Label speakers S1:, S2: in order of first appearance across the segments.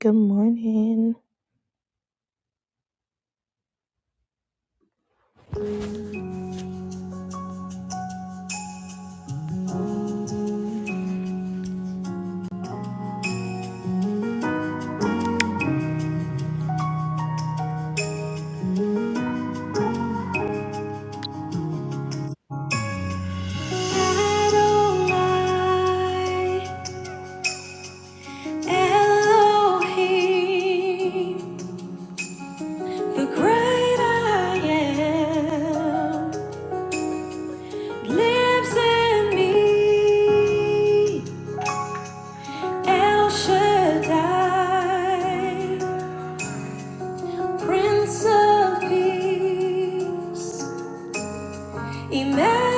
S1: Good morning. Adonai, Elohim, the great I am, lives in me. El Shaddai, Prince of Peace, Emmanuel,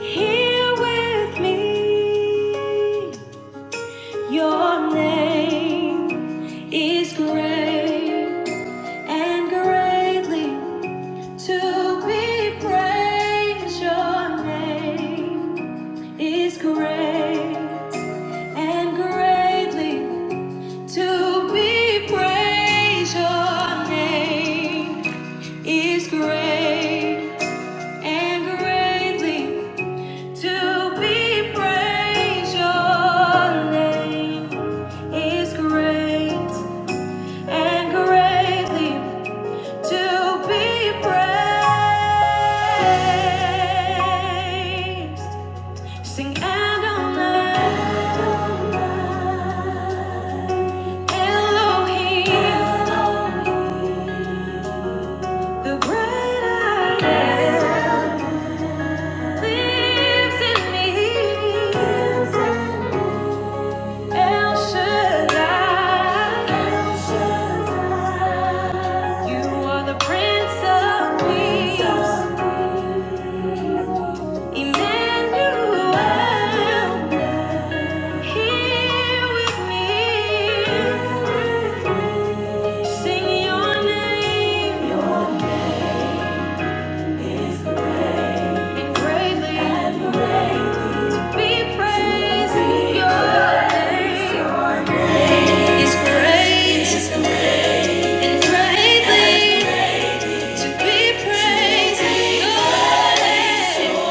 S1: here with me. Your name is great and greatly to be praised. Your name is great and greatly to be praised. Your name is great and greatly to be praised. Your name is great and greatly to be praised. Sing Adonai, Elohim, the great I am, lives in me. El Shaddai, you are the Prince of Peace. Emmanuel, here with me. Sing your name. Be greatly be praised. Your name is great and greatly to be praised. Your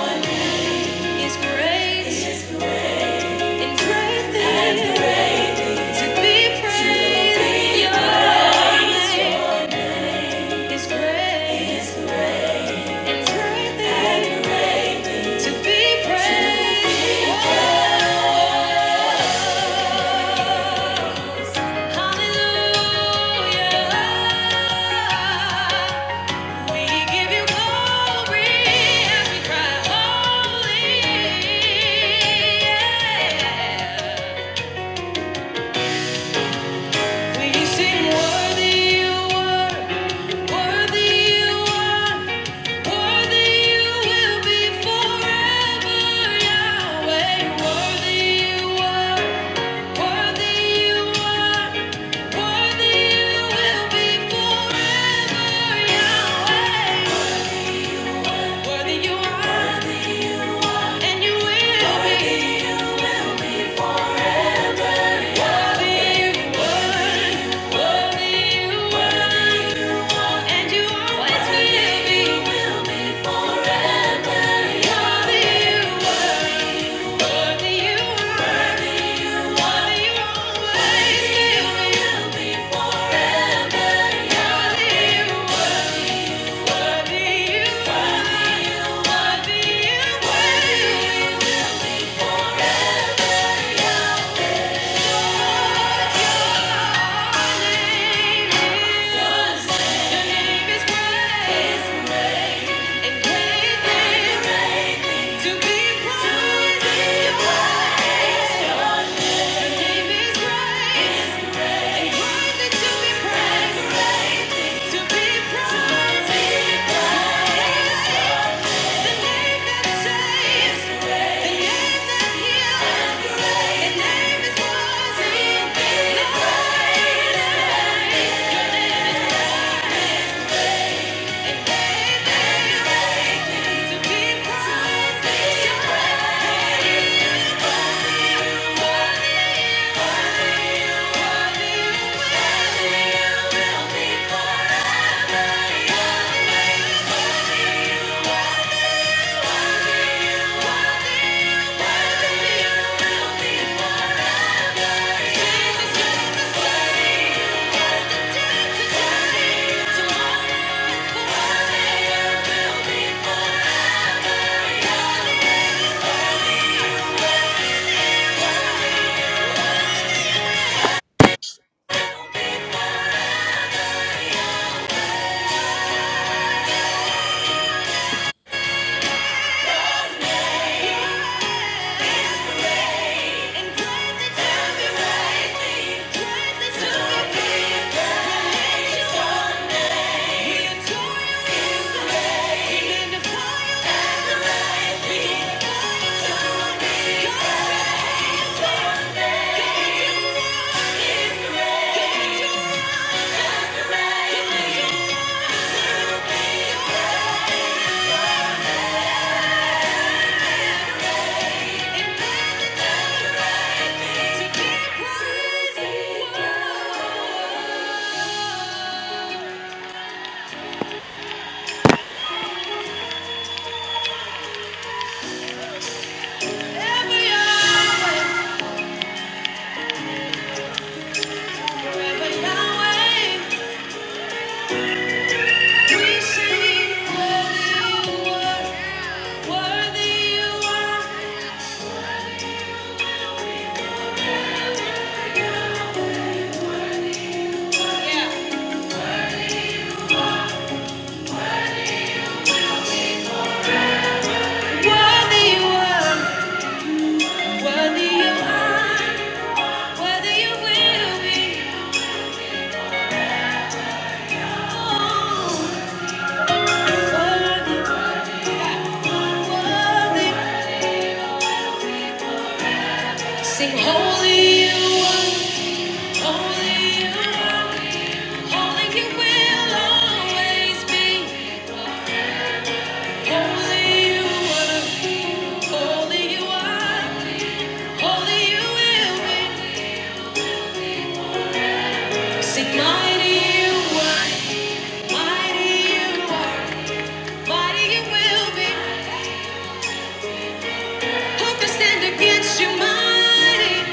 S1: name is great and greatly to be praised. Your name. It's great and greatly to be praised. Hallelujah. We give you glory as we cry, holy. Yeah. We sing worthy you were. Worthy you were. And you always will be, will Worthy you were, worthy you were, worthy you always will be, will be forever. Worthy you were, worthy you were, worthy you will forever. Your name is, your name is great. Yeah. We'll be Thank you. Yeah. Worthy you are, worthy you are. Whether you will be worthy, worthy. Sing holy you are, holy you are, holy you will always be. Holy you are, holy you are, holy you will be. Sing mighty you are, mighty you are, mighty you will be. Who can stand against you, mighty?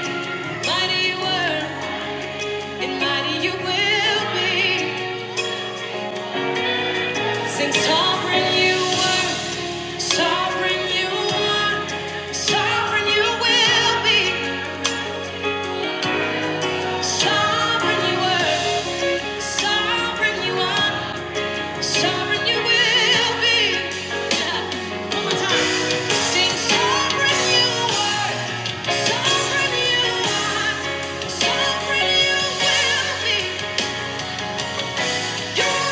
S1: Mighty you were, and mighty you will be. Sing sovereign you were, sovereign you are, sovereign you will be. Sovereign you were, sovereign you are, sovereign you will be. Yeah, One more time. Sing sovereign you were, sovereign you are, sovereign you will be. Thank you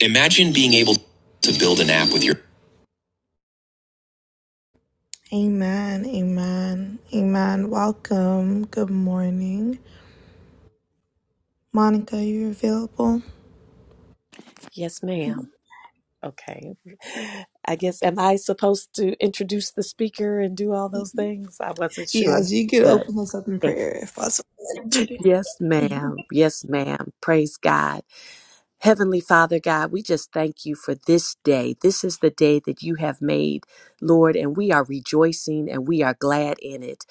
S1: Imagine being able to build an app with your Amen, amen, amen. Welcome. Good morning. Monica, you're available?
S2: Yes, ma'am. Okay. I guess, am I supposed to introduce the speaker and do all those things? I wasn't
S1: Yes,
S2: sure,
S1: you could
S2: but
S1: open us up in prayer if possible.
S2: yes, ma'am. Yes, ma'am. Praise God. Heavenly Father God, we just thank you for this day. This is the day that you have made, Lord, and we are rejoicing and we are glad in it.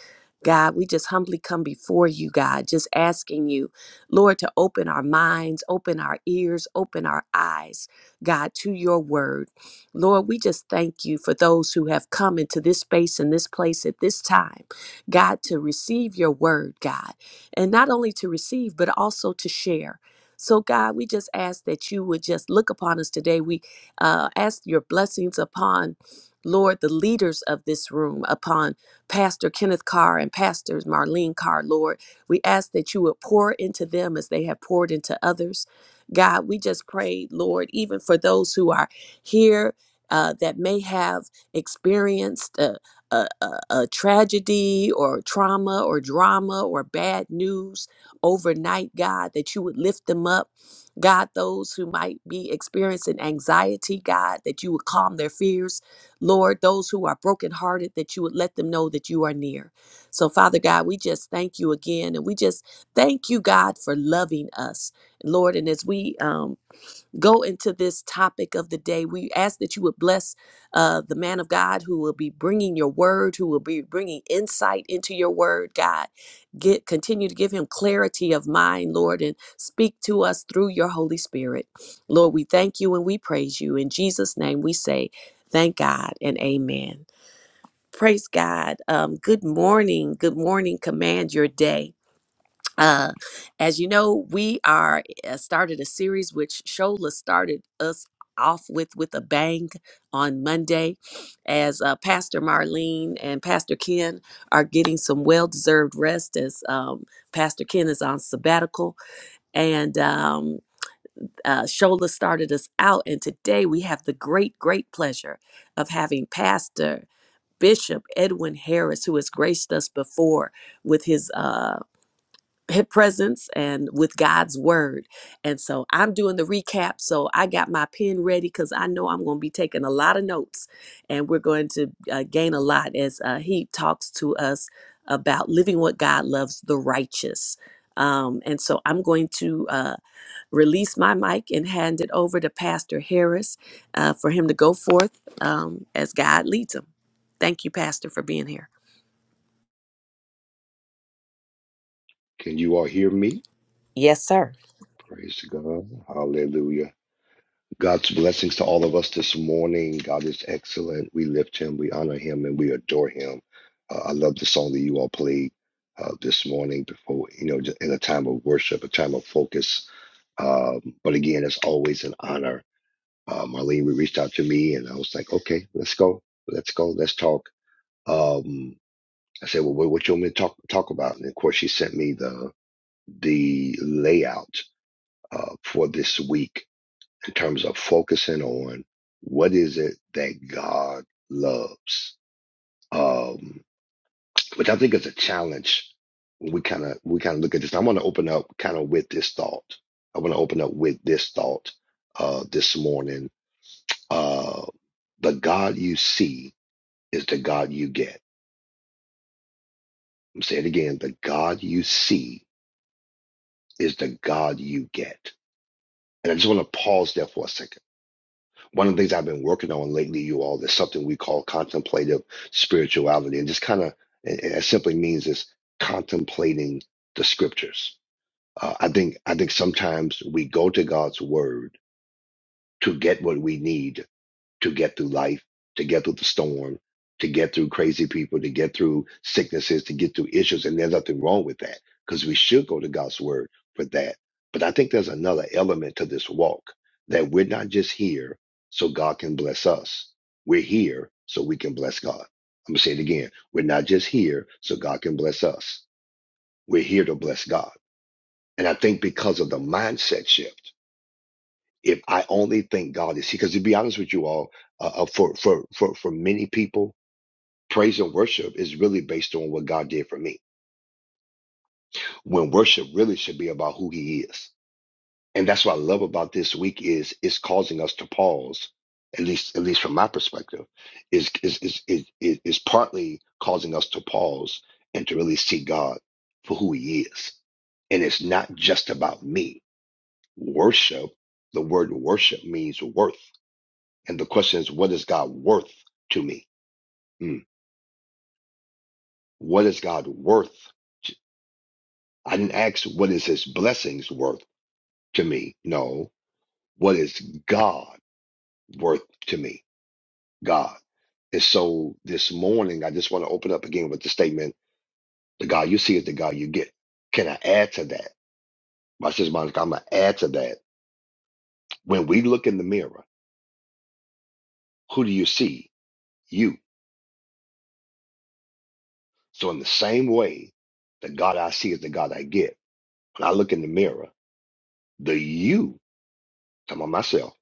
S2: God, we just humbly come before you, God, just asking you, Lord, to open our minds, open our ears, open our eyes, God, to your word. Lord, we just thank you for those who have come into this space and this place at this time, God, to receive your word, God, and not only to receive, but also to share. So, God, we just ask that you would just look upon us today. We uh, ask your blessings upon, Lord, the leaders of this room, upon Pastor Kenneth Carr and Pastors Marlene Carr, Lord. We ask that you would pour into them as they have poured into others. God, we just pray, Lord, even for those who are here uh, that may have experienced a, a, a, a tragedy or trauma or drama or bad news overnight, God, that you would lift them up. God, those who might be experiencing anxiety, God, that you would calm their fears. Lord, those who are brokenhearted, that you would let them know that you are near. So, Father God, we just thank you again. And we just thank you, God, for loving us. Lord, and as we um, go into this topic of the day. We ask that you would bless uh, the man of God who will be bringing your word, who will be bringing insight into your word, God. Get continue to give him clarity of mind, Lord, and speak to us through your Holy Spirit. Lord, we thank you and we praise you. In Jesus' name we say, thank God and amen. Praise God. Um, good morning. Good morning. Command your day uh, as you know, we are uh, started a series which Shola started us off with with a bang on Monday, as uh, Pastor Marlene and Pastor Ken are getting some well deserved rest as um, Pastor Ken is on sabbatical and. Um, uh, Shola started us out, and today we have the great, great pleasure of having Pastor Bishop Edwin Harris, who has graced us before with his uh, hip presence and with God's word. And so I'm doing the recap. So I got my pen ready because I know I'm going to be taking a lot of notes and we're going to uh, gain a lot as uh, he talks to us about living what God loves, the righteous. Um, and so I'm going to uh, release my mic and hand it over to Pastor Harris uh, for him to go forth um, as God leads him. Thank you, Pastor, for being here.
S3: Can you all hear me?
S2: Yes, sir.
S3: Praise God. Hallelujah. God's blessings to all of us this morning. God is excellent. We lift him, we honor him, and we adore him. Uh, I love the song that you all played uh, this morning before, you know, in a time of worship, a time of focus. Um, but again, it's always an honor. Uh, Marlene reached out to me, and I was like, okay, let's go. Let's go. Let's talk. Um, I said, well, what, what you want me to talk, talk about? And of course, she sent me the the layout uh, for this week in terms of focusing on what is it that God loves, um, which I think is a challenge. when We kind of we kind of look at this. I want to open up kind of with this thought. I want to open up with this thought uh, this morning. Uh, the God you see is the God you get. I'm saying it again. The God you see is the God you get. And I just want to pause there for a second one of the things I've been working on lately, you all, is something we call contemplative spirituality, and just kind of it, it simply means is contemplating the scriptures. Uh, I think I think sometimes we go to God's word to get what we need, to get through life, to get through the storm, to get through crazy people, to get through sicknesses, to get through issues. And there's nothing wrong with that because we should go to God's word for that. But I think there's another element to this walk that we're not just here so God can bless us. We're here so we can bless God. I'm going to say it again. We're not just here so God can bless us. We're here to bless God. And I think because of the mindset shift, if I only think God is because to be honest with you all, uh, uh, for for for for many people, praise and worship is really based on what God did for me. When worship really should be about who He is, and that's what I love about this week is it's causing us to pause. At least, at least from my perspective, is is is is is is partly causing us to pause and to really see God for who He is, and it's not just about me. Worship, the word worship means worth. And the question is, what is God worth to me? Mm. What is God worth? to- I didn't ask what is his blessings worth to me. No, what is God worth to me? God. And so this morning, I just want to open up again with the statement, the God you see is the God you get. Can I add to that? My sister Monica, I'm going to add to that. When we look in the mirror, who do you see? You. So in the same way, the God I see is the God I get. When I look in the mirror, the you I'm on myself.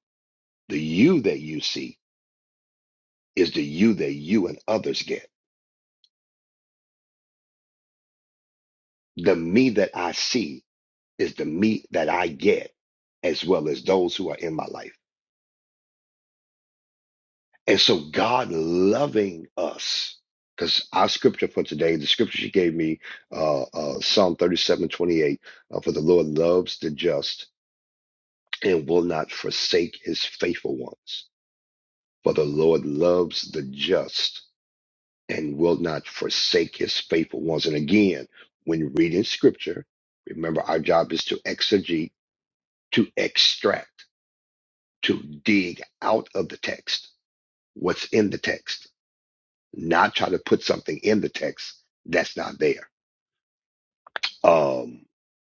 S3: The you that you see is the you that you and others get. The me that I see is the me that I get, as well as those who are in my life. And so God loving us, because our scripture for today, the scripture she gave me, uh, uh, Psalm 37 28, uh, for the Lord loves the just and will not forsake his faithful ones. For the Lord loves the just and will not forsake his faithful ones. And again, when reading scripture, remember our job is to exegete, to extract, to dig out of the text what's in the text, not try to put something in the text that's not there. Um,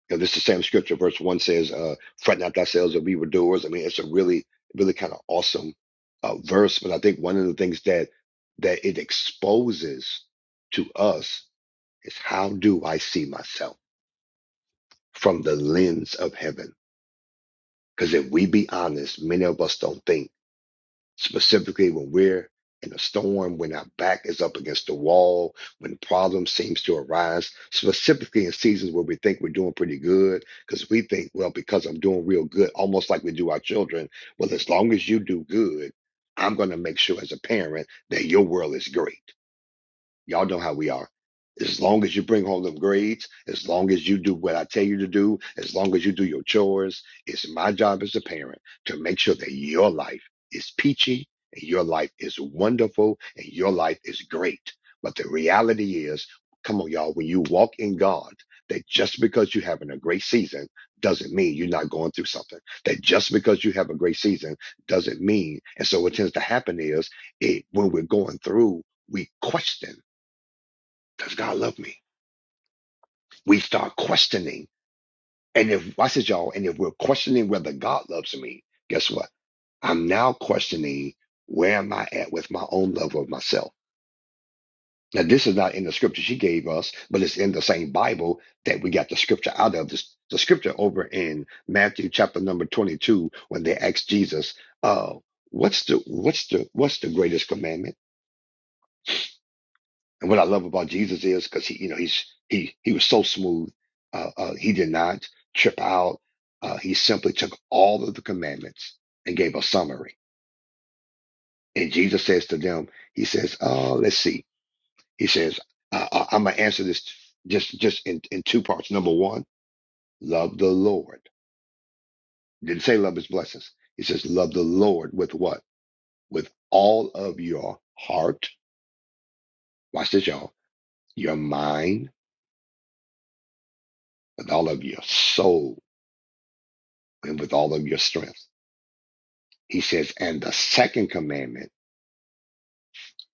S3: you know, this is the same scripture. Verse one says, uh, "Fret not thyself of evildoers." I mean, it's a really, really kind of awesome uh, verse. But I think one of the things that that it exposes to us is how do I see myself from the lens of heaven? Because if we be honest, many of us don't think, specifically when we're in a storm, when our back is up against the wall, when problems seems to arise, specifically in seasons where we think we're doing pretty good, because we think, well, because I'm doing real good, almost like we do our children, well, as long as you do good, I'm going to make sure as a parent that your world is great. Y'all know how we are. As long as you bring home them grades, as long as you do what I tell you to do, as long as you do your chores, it's my job as a parent to make sure that your life is peachy and your life is wonderful and your life is great. But the reality is, come on, y'all, when you walk in God, that just because you're having a great season doesn't mean you're not going through something. That just because you have a great season doesn't mean. And so what tends to happen is it when we're going through, we question does God love me? We start questioning. And if, I said y'all. And if we're questioning whether God loves me, guess what? I'm now questioning where am I at with my own love of myself. Now, this is not in the scripture she gave us, but it's in the same Bible that we got the scripture out of. This, the scripture over in Matthew chapter number 22, when they asked Jesus, uh, what's the, what's the, what's the greatest commandment? And what I love about Jesus is because he, you know, he's he he was so smooth. Uh, uh, he did not trip out. Uh, he simply took all of the commandments and gave a summary. And Jesus says to them, He says, uh, "Let's see." He says, uh, uh, "I'm gonna answer this just just in in two parts. Number one, love the Lord. Didn't say love His blessings. He says, love the Lord with what? With all of your heart. Watch this, y'all. Your mind, with all of your soul, and with all of your strength." He says, and the second commandment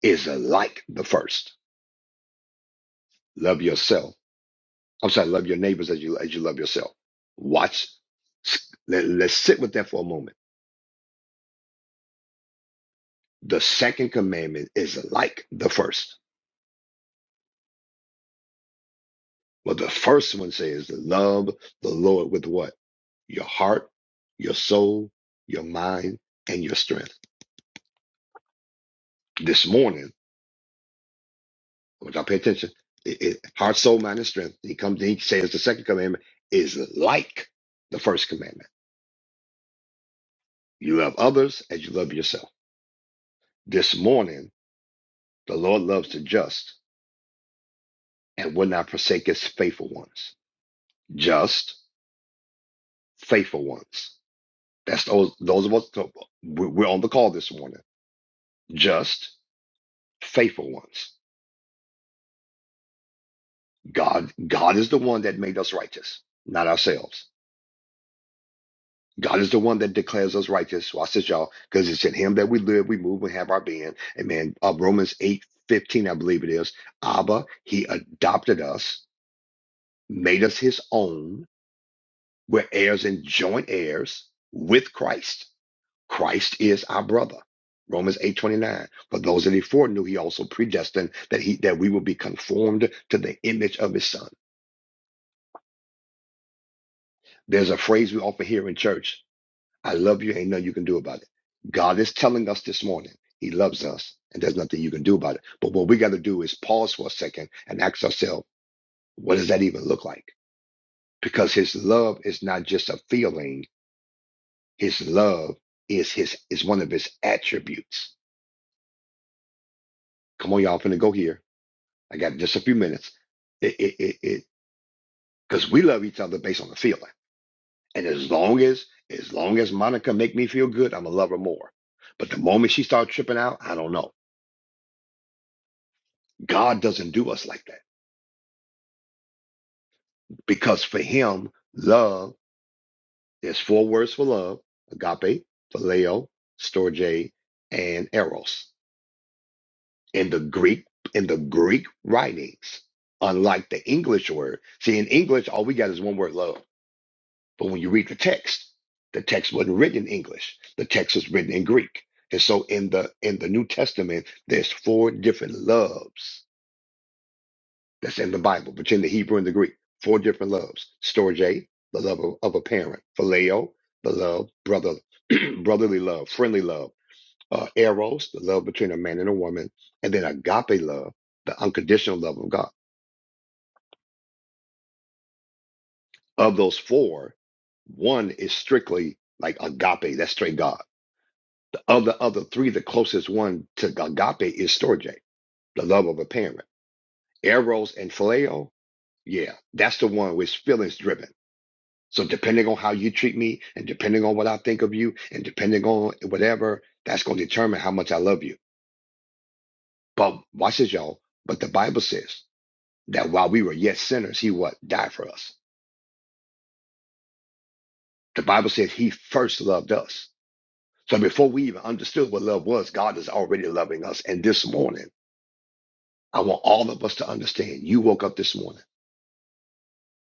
S3: is like the first. Love yourself. I'm sorry, love your neighbors as you as you love yourself. Watch. Let, let's sit with that for a moment. The second commandment is like the first. Well, the first one says to love the Lord with what? Your heart, your soul, your mind, and your strength. This morning, I want y'all to pay attention. It, it, heart, soul, mind, and strength. He comes and he says the second commandment is like the first commandment. You love others as you love yourself. This morning, the Lord loves the just and will not forsake his faithful ones. Just, faithful ones. That's those, those of us, so, we- are on the call this morning. Just, faithful ones. God, God is the one that made us righteous, not ourselves. God is the one that declares us righteous. Watch this, y'all, because it's in him that we live, we move, and have our being. And man, uh, Romans eight fifteen, I believe it is. Abba, he adopted us, made us his own We're heirs and joint heirs with Christ. Christ is our brother. Romans 8:29. For those that he foreknew, he also predestined that he that we will be conformed to the image of his son. There's a phrase we often hear in church. I love you, ain't nothing you can do about it. God is telling us this morning, he loves us, and there's nothing you can do about it. But what we got to do is pause for a second and ask ourselves, what does that even look like? Because his love is not just a feeling, His love is his is one of his attributes. Come on, y'all, I'm finna go here. I got just a few minutes. It it it it because we love each other based on the feeling. And as long as as long as Monica make me feel good, I'ma love her more. But the moment she starts tripping out, I don't know. God doesn't do us like that because for Him, love there's four words for love: agape, phileo, storge, and eros. in the Greek in the Greek writings, unlike the English word. See, in English, all we got is one word love. But when you read the text, the text wasn't written in English. The text was written in Greek. And so in the in the New Testament, there's four different loves that's in the Bible, between the Hebrew and the Greek. Four different loves. Storge, the love of, of a parent. Phileo, the love, brother, brotherly love, friendly love uh, eros, the love between a man and a woman, and then agape love, the unconditional love of God. Of those four, one is strictly like agape, that's straight God. The other other three, the closest one to agape is storge, the love of a parent. Eros and phileo, yeah, that's the one which feelings driven. So depending on how you treat me, and depending on what I think of you, and depending on whatever, that's going to determine how much I love you. But watch this, y'all. But the Bible says. that while we were yet sinners, he what died for us. The Bible says he first loved us. So before we even understood what love was, God is already loving us. And this morning, I want all of us to understand. You woke up this morning.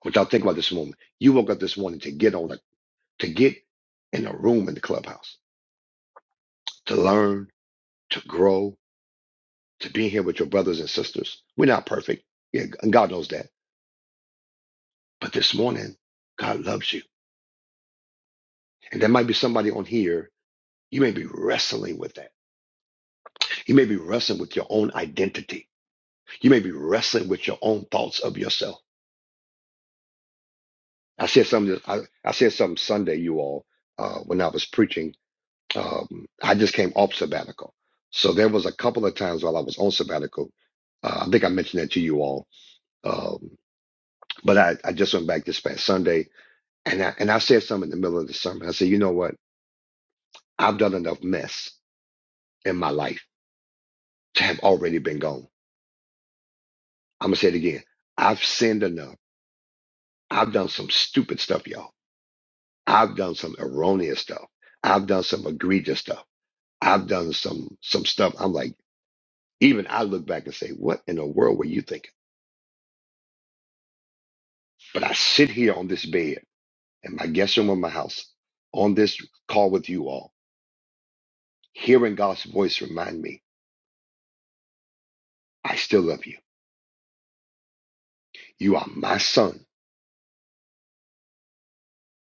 S3: What y'all think about this morning? You woke up this morning to get on a to get in a room in the clubhouse, to learn, to grow, to be here with your brothers and sisters. We're not perfect. Yeah, and God knows that. But this morning, God loves you. And there might be somebody on here, you may be wrestling with that You may be wrestling with your own identity. You may be wrestling with your own thoughts of yourself. I said something. I, I said something Sunday, you all, uh, when I was preaching. Um, I just came off sabbatical, so there was a couple of times while I was on sabbatical. Uh, I think I mentioned that to you all, um, but I, I just went back this past Sunday, and I, and I said something in the middle of the sermon. I said, you know what? I've done enough mess in my life to have already been gone. I'm gonna say it again. I've sinned enough. I've done some stupid stuff, y'all. I've done some erroneous stuff. I've done some egregious stuff. I've done some some stuff. I'm like, even I look back and say, what in the world were you thinking? But I sit here on this bed in my guest room of my house, on this call with you all, hearing God's voice remind me, I still love you. You are my son,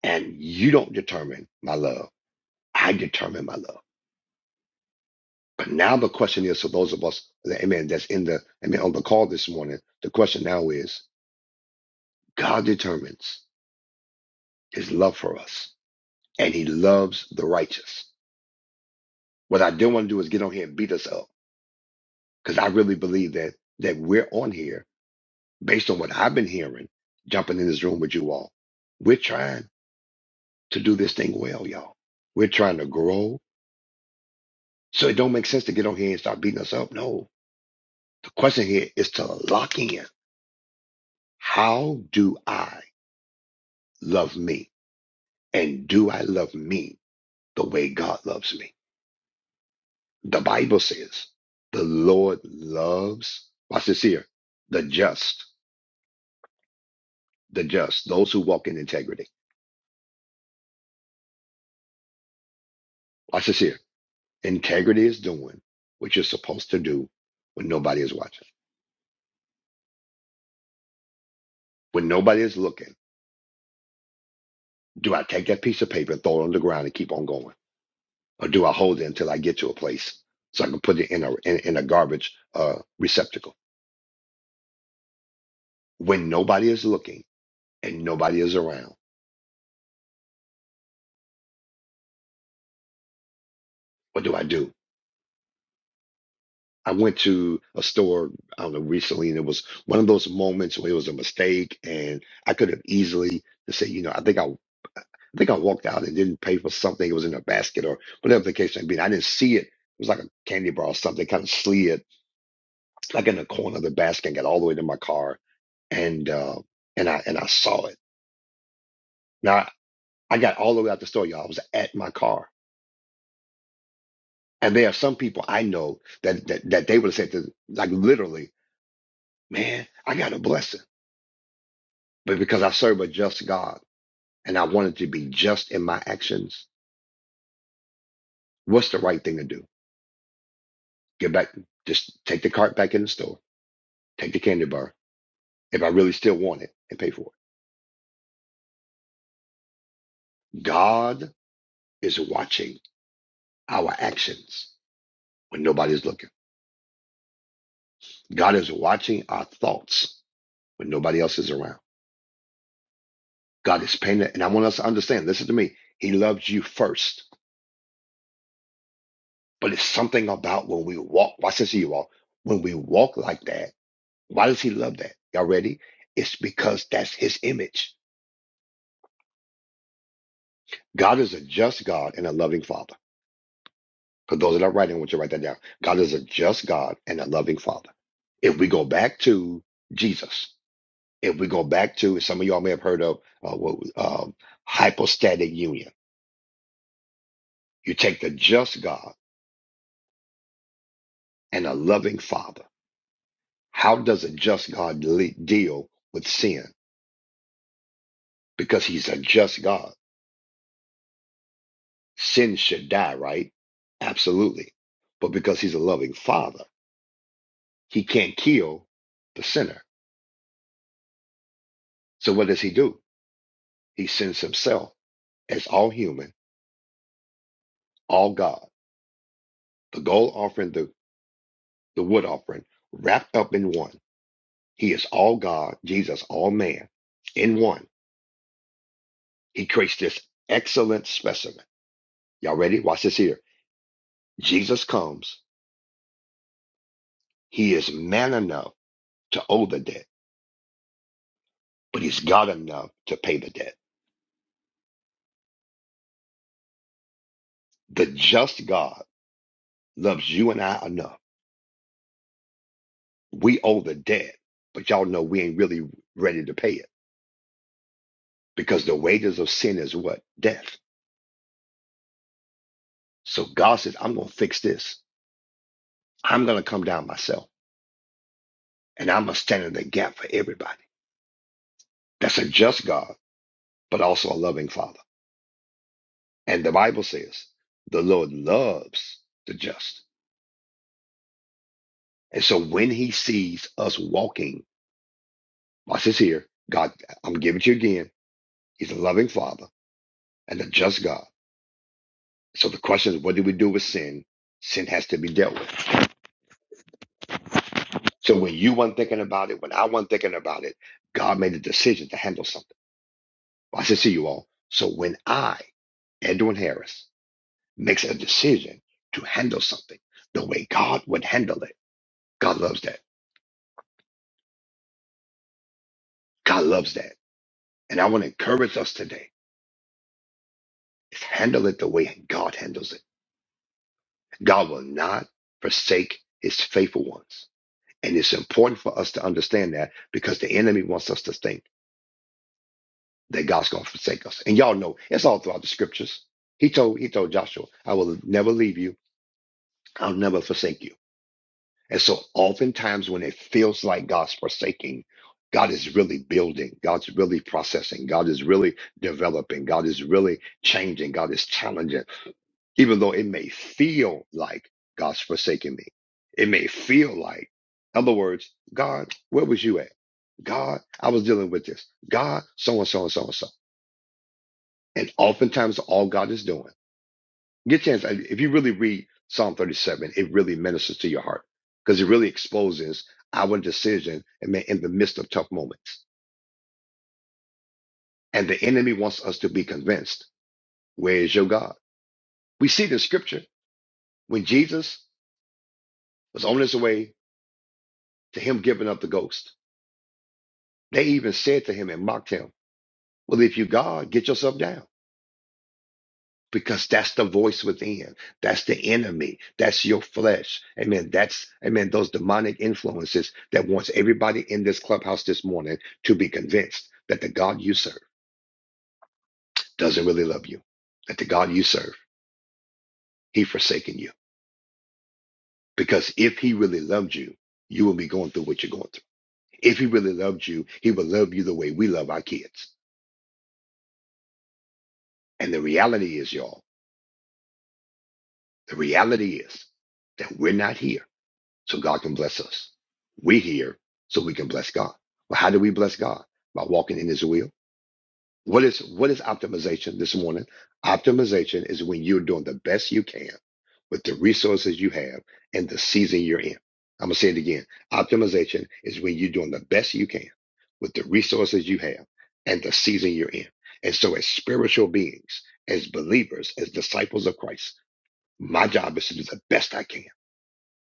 S3: and you don't determine my love. I determine my love. But now the question is for those of us, that, amen, that's in the, amen, on the call this morning, the question now is, God determines. his love for us, and he loves the righteous. What I don't want to do is get on here and beat us up because I really believe that that we're on here based on what I've been hearing, jumping in this room with you all. We're trying to do this thing well, y'all. We're trying to grow. So it don't make sense to get on here and start beating us up. No. The question here is to lock in. How do I love me? And do I love me the way God loves me? The Bible says the Lord loves, watch this here, the just, the just, those who walk in integrity. Watch this here. Integrity is doing what you're supposed to do when nobody is watching, when nobody is looking. Do I take that piece of paper and throw it on the ground and keep on going? Or do I hold it until I get to a place so I can put it in a, in, in a garbage uh, receptacle? When nobody is looking and nobody is around, what do I do? I went to a store, I don't know, recently, and it was one of those moments where it was a mistake, and I could have easily just said, you know, I think I, I think I walked out and didn't pay for something. It was in a basket or whatever the case may be. And I didn't see it. It was like a candy bar or something, kind of slid like in the corner of the basket and got all the way to my car, and uh, and I and I saw it. Now I, I got all the way out the store, y'all. I was at my car, and there are some people I know that that, that they would have said, to, like literally, man, I got a blessing. but because I serve a just God and I wanted to be just in my actions, what's the right thing to do? Get back, just take the cart back in the store, take the candy bar if I really still want it and pay for it. God is watching our actions when nobody's looking. God is watching our thoughts when nobody else is around. God is paying it. And I want us to understand, listen to me, He loves you first. But it's something about when we walk, watch this, you all, when we walk like that Why does he love that? Y'all ready? It's because that's his image. God is a just God and a loving father. For those that are writing, I want you to write that down. God is a just God and a loving father. If we go back to Jesus, if we go back to some of y'all may have heard of uh, what was, um, hypostatic union, you take the just God and a loving father. How does a just God le- deal with sin? Because he's a just God Sin should die, right? Absolutely. But because he's a loving father, he can't kill the sinner. So what does he do? He sends himself as all human, all God. The gold offering, the, the wood offering, wrapped up in one. He is all God, Jesus, all man, in one. He creates this excellent specimen. Y'all ready? Watch this here. Jesus comes. He is man enough to owe the debt, but he's God enough to pay the debt. The just God loves you and I enough. We owe the debt, but y'all know we ain't really ready to pay it because the wages of sin is what? Death. So God says, I'm going to fix this. I'm going to come down myself and I'm going to stand in the gap for everybody. That's a just God, but also a loving Father. And the Bible says the Lord loves the just. And so when he sees us walking, watch this here, God, I'm giving it to you again. He's a loving Father and a just God. So the question is, what do we do with sin? Sin has to be dealt with. So when you weren't thinking about it, when I wasn't thinking about it, God made a decision to handle something. Well, I should see you all. So when I, Edwin Harris, makes a decision to handle something the way God would handle it, God loves that. God loves that. And I want to encourage us today is handle it the way God handles it. God will not forsake his faithful ones. And it's important for us to understand that because the enemy wants us to think. that God's going to forsake us. And y'all know it's all throughout the scriptures. He told he told Joshua, "I will never leave you. I'll never forsake you." And so, oftentimes, when it feels like God's forsaking, God is really building. God's really processing. God is really developing. God is really changing. God is challenging. Even though it may feel like God's forsaking me, it may feel like, in other words, God, where was you at? God, I was dealing with this. God, so and so and so and so. And oftentimes, all God is doing. Get a chance. If you really read Psalm 37, it really ministers to your heart because it really exposes our decision and man, in the midst of tough moments. And the enemy wants us to be convinced, where is your God? We see it in scripture when Jesus was on his way to him giving up the ghost. They even said to him and mocked him, Well, if you God, get yourself down. because that's the voice within. That's the enemy. That's your flesh. Amen. That's, amen, those demonic influences that wants everybody in this clubhouse this morning to be convinced that the God you serve doesn't really love you, that the God you serve, he forsaken you. Because if he really loved you, you will be going through what you're going through. If he really loved you, he would love you the way we love our kids. And the reality is, y'all, the reality is that we're not here so God can bless us. We're here so we can bless God. Well, how do we bless God? By walking in His will. What is what is optimization this morning? Optimization is when you're doing the best you can with the resources you have and the season you're in. I'm gonna say it again. Optimization is when you're doing the best you can with the resources you have and the season you're in. And so, as spiritual beings, as believers, as disciples of Christ, my job is to do the best I can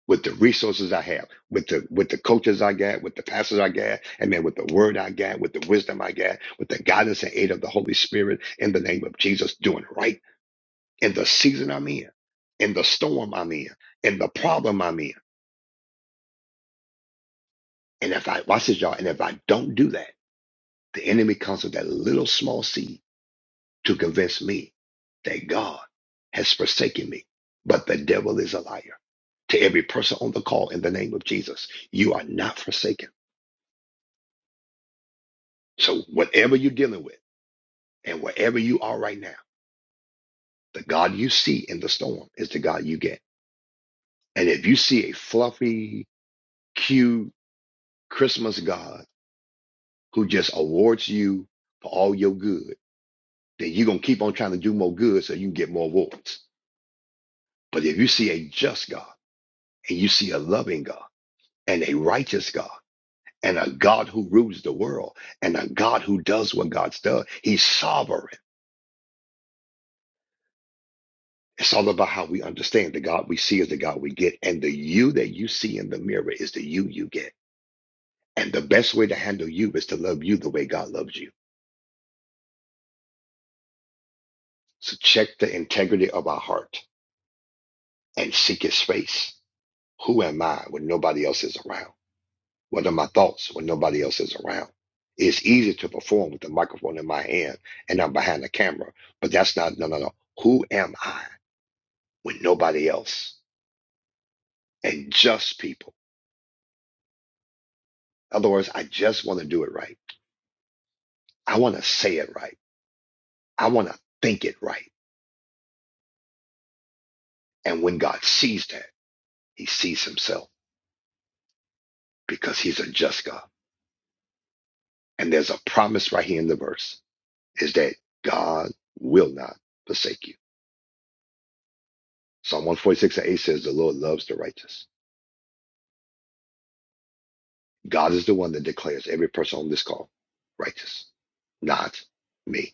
S3: with the resources I have, with the with the coaches I got, with the pastors I got, and then with the word I got, with the wisdom I got, with the guidance and aid of the Holy Spirit in the name of Jesus, doing right in the season I'm in, in the storm I'm in, in the problem I'm in. And if I watch this, y'all, and if I don't do that, the enemy comes with that little small seed to convince me that God has forsaken me. But the devil is a liar. To every person on the call in the name of Jesus, you are not forsaken. So whatever you're dealing with and wherever you are right now, the God you see in the storm is the God you get. And if you see a fluffy, cute Christmas God who just awards you for all your good, then you're going to keep on trying to do more good so you can get more awards. But if you see a just God and you see a loving God and a righteous God and a God who rules the world and a God who does what God's done, he's sovereign. It's all about how we understand the God we see is the God we get, and the you that you see in the mirror is the you you get. And the best way to handle you is to love you the way God loves you. So check the integrity of our heart and seek His face. Who am I when nobody else is around? What are my thoughts when nobody else is around? It's easy to perform with the microphone in my hand and I'm behind the camera, but that's not no no no. Who am I when nobody else? And just people. In other words, I just want to do it right. I want to say it right. I want to think it right. And when God sees that, he sees himself because he's a just God. And there's a promise right here in the verse is that God will not forsake you. Psalm 146 and 8 says the Lord loves the righteous. God is the one that declares every person on this call righteous, not me.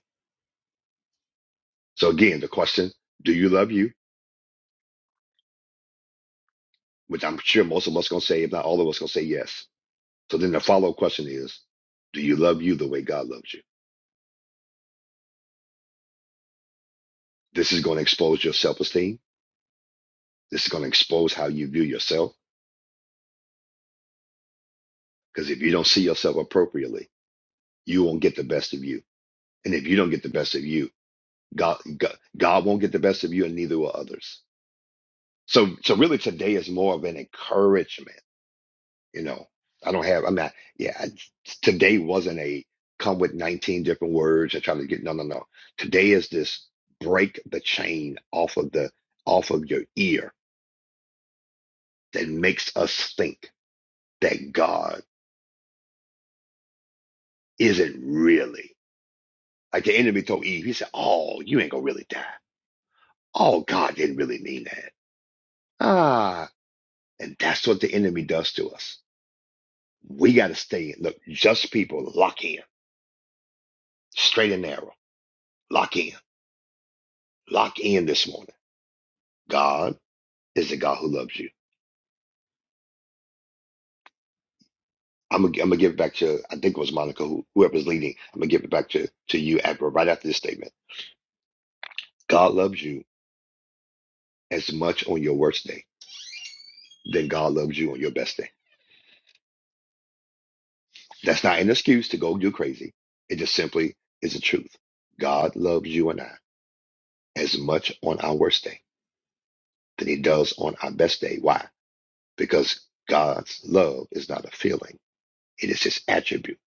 S3: So again, the question, do you love you? Which I'm sure most of us going to say, if not all of us going to say yes. So then the follow up question is, do you love you the way God loves you? This is going to expose your self esteem. This is going to expose how you view yourself. Because if you don't see yourself appropriately, you won't get the best of you. And if you don't get the best of you, God, God, God won't get the best of you, and neither will others. So, so really, today is more of an encouragement. You know, I don't have. I'm not. Yeah, I, today wasn't a come with 19 different words and try to get. No, no, no. Today is this break the chain off of the off of your ear that makes us think that God Is it really? Like the enemy told Eve, he said, Oh, you ain't gonna really die. Oh, God didn't really mean that. Ah, and that's what the enemy does to us. We gotta stay in. Look, just people lock in, straight and narrow. Lock in. Lock in this morning. God is the God who loves you. I'm gonna, I'm gonna give it back to, I think it was Monica, who, whoever's leading. I'm gonna give it back to, to you, Abra, right after this statement. God loves you as much on your worst day than God loves you on your best day. That's not an excuse to go do crazy. It just simply is the truth. God loves you and I as much on our worst day than he does on our best day. Why? Because God's love is not a feeling. It is his attribute.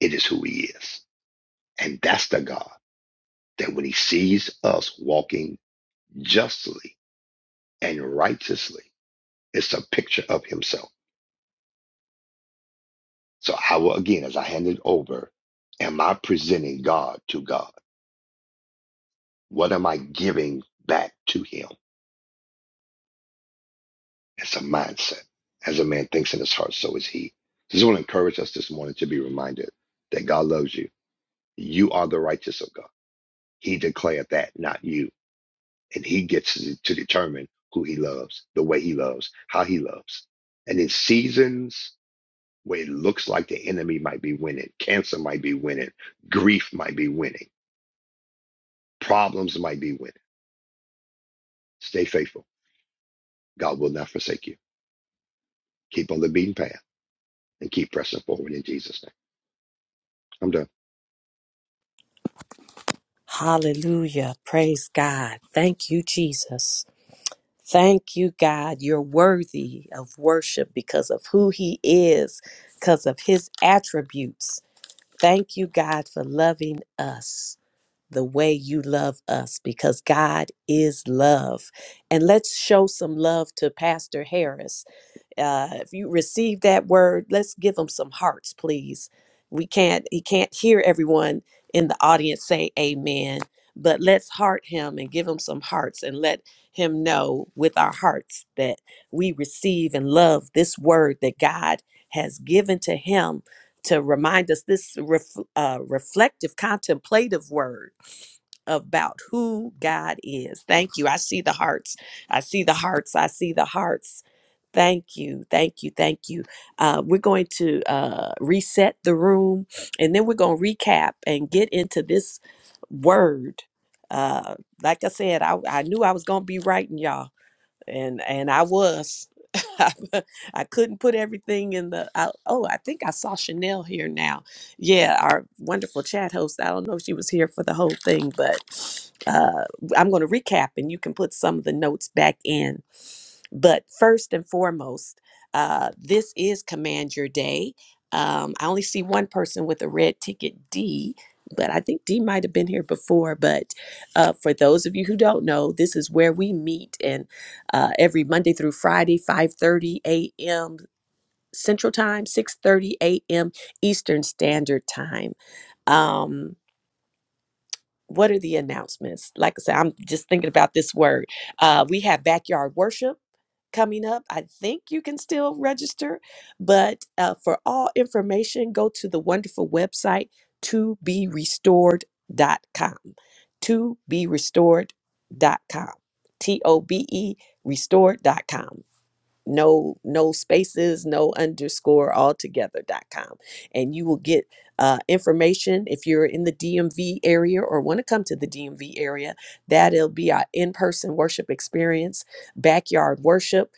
S3: It is who he is. And that's the God that when he sees us walking justly and righteously, it's a picture of himself. So I will again, as I hand it over, am I presenting God to God? What am I giving back to him? It's a mindset. As a man thinks in his heart, so is he. This will encourage us this morning to be reminded that God loves you. You are the righteous of God. He declared that, not you. And he gets to to determine who he loves, the way he loves, how he loves. And in seasons where it looks like the enemy might be winning, cancer might be winning, grief might be winning, problems might be winning, stay faithful. God will not forsake you. Keep on the beaten path and keep pressing forward in Jesus' name. I'm done.
S2: Hallelujah. Praise God. Thank you, Jesus. Thank you, God. You're worthy of worship because of who He is, because of His attributes. Thank you, God, for loving us the way you love us because God is love. And let's show some love to Pastor Harris. Uh, if you receive that word, let's give them some hearts, please. We can't, he can't hear everyone in the audience say amen, but let's heart him and give him some hearts and let him know with our hearts that we receive and love this word that God has given to him to remind us this ref, uh, reflective, contemplative word about who God is. Thank you. I see the hearts. I see the hearts. I see the hearts. Thank you, thank you, thank you. Uh, we're going to uh, reset the room, and then we're going to recap and get into this word. Uh, like I said, I, I knew I was going to be writing y'all, and and I was. I couldn't put everything in the. I, oh, I think I saw Chanel here now. Yeah, our wonderful chat host. I don't know if she was here for the whole thing, but uh, I'm going to recap, and you can put some of the notes back in but first and foremost, uh, this is Command Your Day. Um, I only see one person with a red ticket, D, but I think D might have been here before. But uh, for those of you who don't know, this is where we meet, and uh, every Monday through Friday, 5:30 a.m. Central Time, 6:30 a.m. Eastern Standard Time. Um, what are the announcements? Like I said, I'm just thinking about this word. Uh, we have backyard worship coming up. I think you can still register, but uh, for all information, go to the wonderful website to be restored dot com, To be restored dot com, T O B E restored dot com. No, no spaces, no underscore altogether dot com, And you will get uh, information if you're in the DMV area or want to come to the DMV area. That'll be our in person worship experience, backyard worship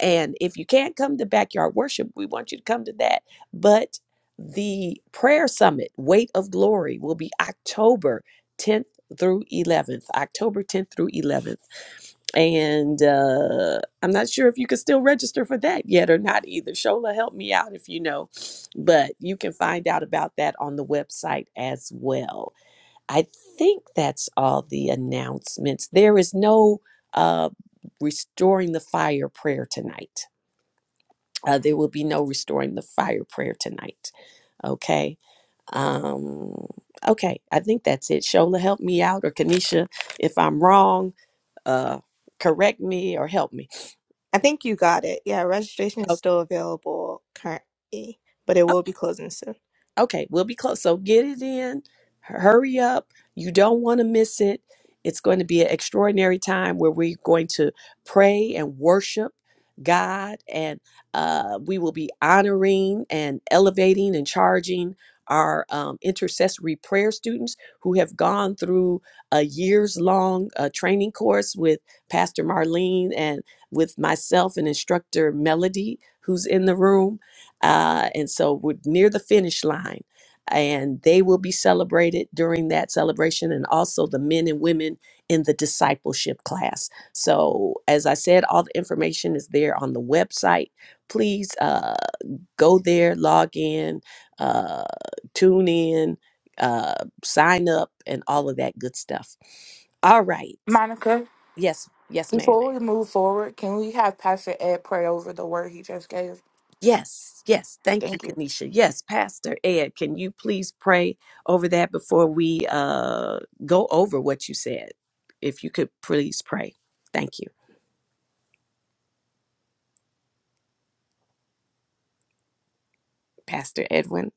S2: and if you can't come to backyard worship, we want you to come to that. But the prayer summit, Weight of Glory, will be October 10th through 11th. October 10th through 11th. And uh, I'm not sure if you can still register for that yet or not either. Shola, help me out if you know. But you can find out about that on the website as well. I think that's all the announcements. There is no uh, restoring the fire prayer tonight. Uh, there will be no restoring the fire prayer tonight. Okay. Um, okay. I think that's it. Shola, help me out, or Kanisha, if I'm wrong, uh, correct me or help me.
S1: I think you got it. Yeah, registration is
S2: Okay.
S1: still available currently, but it will be closing soon.
S2: Okay, we'll be close. So get it in. Hurry up. You don't want to miss it. It's going to be an extraordinary time where we're going to pray and worship God, and uh, we will be honoring and elevating and charging our um, intercessory prayer students who have gone through a years long uh, training course with Pastor Marlene and with myself and instructor Melody, who's in the room uh, and so we're near the finish line and they will be celebrated during that celebration and also the men and women in the discipleship class so as i said all the information is there on the website please uh, go there log in uh, tune in uh, sign up and all of that good stuff all right
S4: Monica,
S2: yes yes ma'am
S4: before we move forward, can we have Pastor Ed pray over the word he just gave?
S2: Yes, yes. Thank you,
S4: Thank you.
S2: Kanisha. Yes, Pastor Ed, can you please pray over that before we uh, go over what you said? If you could please pray. Thank you, Pastor Edwin,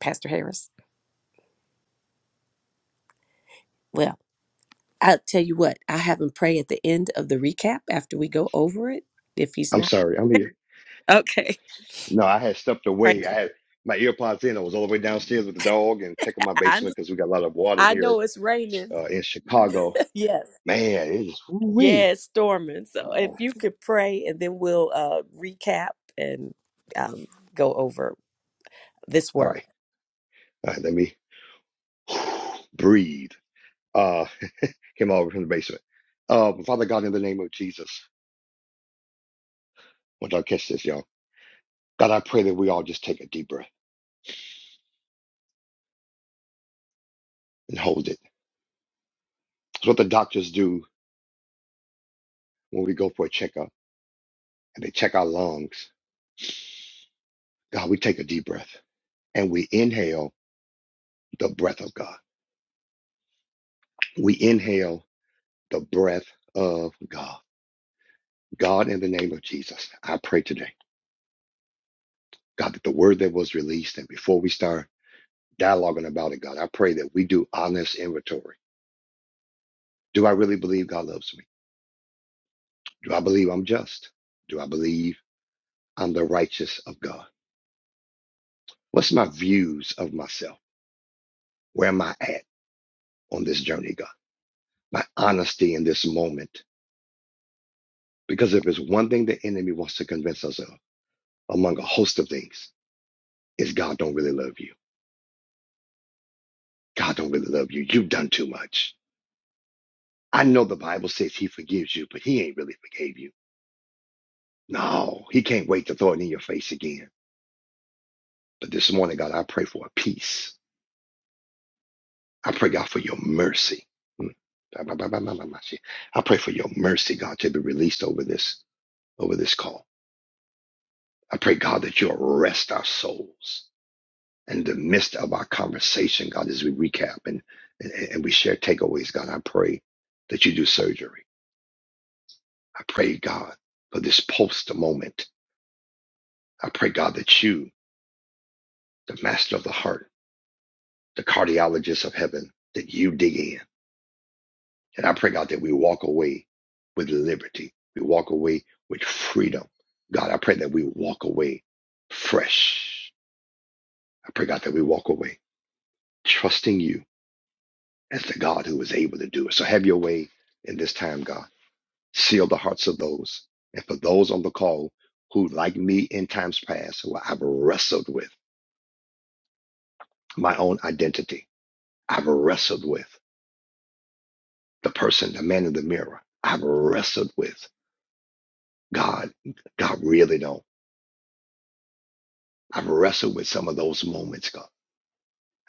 S2: Pastor Harris. Well, I'll tell you what, I have him pray at the end of the recap after we go over it, if he's
S3: I'm
S2: not.
S3: sorry. I'm here.
S2: Okay.
S3: No, I had stepped
S2: Frank,
S3: away. I had my earpods in. I was all the way downstairs with the dog and checking my
S2: I, under-
S3: basement because we got a lot of water
S2: I
S3: here
S2: know it's raining.
S3: uh, in Chicago.
S2: yes.
S3: Man, it is woo-wee.
S2: Yeah, it's storming. So
S3: Uh,
S2: if
S3: all
S2: you could pray and then we'll uh, recap and um, go over this
S3: right,
S2: word.
S3: all right. Let me breathe. Uh, came over from the basement. Uh, Father God, in the name of Jesus, want y'all catch this, y'all. God, I pray that we all just take a deep breath and hold it. It's what the doctors do when we go for a checkup and they check our lungs. God, we take a deep breath and we inhale the breath of God. We inhale the breath of God. God, in the name of Jesus, I pray today, God, that the word that was released, and before we start dialoguing about it, God, I pray that we do honest inventory. Do I really believe God loves me? Do I believe I'm just? Do I believe I'm the righteous of God? What's my views of myself? Where am I at on this journey, God? My honesty in this moment. Because if it's one thing the enemy wants to convince us of, among a host of things, is God don't really love you. God don't really love you. You've done too much. I know the Bible says he forgives you, but he ain't really forgave you. No, he can't wait to throw it in your face again. But this morning, God, I pray for a peace. I pray, God, for your mercy. Mm. I pray for your mercy, God, to be released over this, over this call. I pray, God, that you arrest our souls in the midst of our conversation, God, as we recap and, and, and we share takeaways, God. I pray that you do surgery. I pray, God, for this post moment. I pray, God, that you the master of the heart, the cardiologist of heaven, that you dig in. And I pray, God, that we walk away with liberty. We walk away with freedom. God, I pray that we walk away fresh. I pray, God, that we walk away trusting you as the God who is able to do it. So have your way in this time, God. Seal the hearts of those. And for those on the call who, like me in times past, who I've wrestled with my own identity, I've wrestled with. the person, the man in the mirror. I've wrestled with God. God really don't. I've wrestled with some of those moments, God.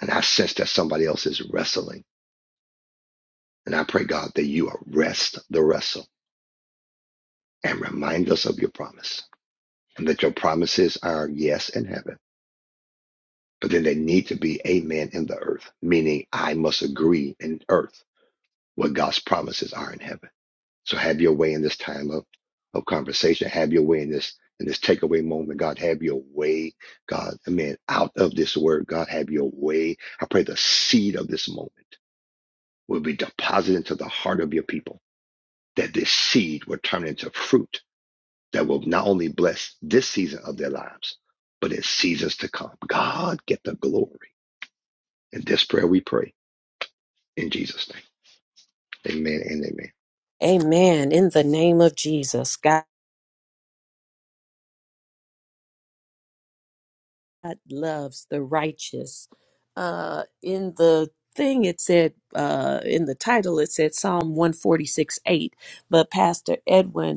S3: And I sense that somebody else is wrestling. And I pray, God, that you arrest the wrestle and remind us of your promise. And that your promises are yes in heaven, but then they need to be amen in the earth, meaning I must agree in earth what God's promises are in heaven. So have your way in this time of, of conversation. Have your way in this in this takeaway moment. God, have your way. God, I mean, out of this word, God, have your way. I pray the seed of this moment will be deposited into the heart of your people, that this seed will turn into fruit that will not only bless this season of their lives, but in seasons to come. God, get the glory. In this prayer we pray in Jesus' name. Amen and
S2: Amen. In the name of Jesus, God loves the righteous. Uh, in the thing it said, uh, in the title, it said Psalm 146 8. But Pastor Edwin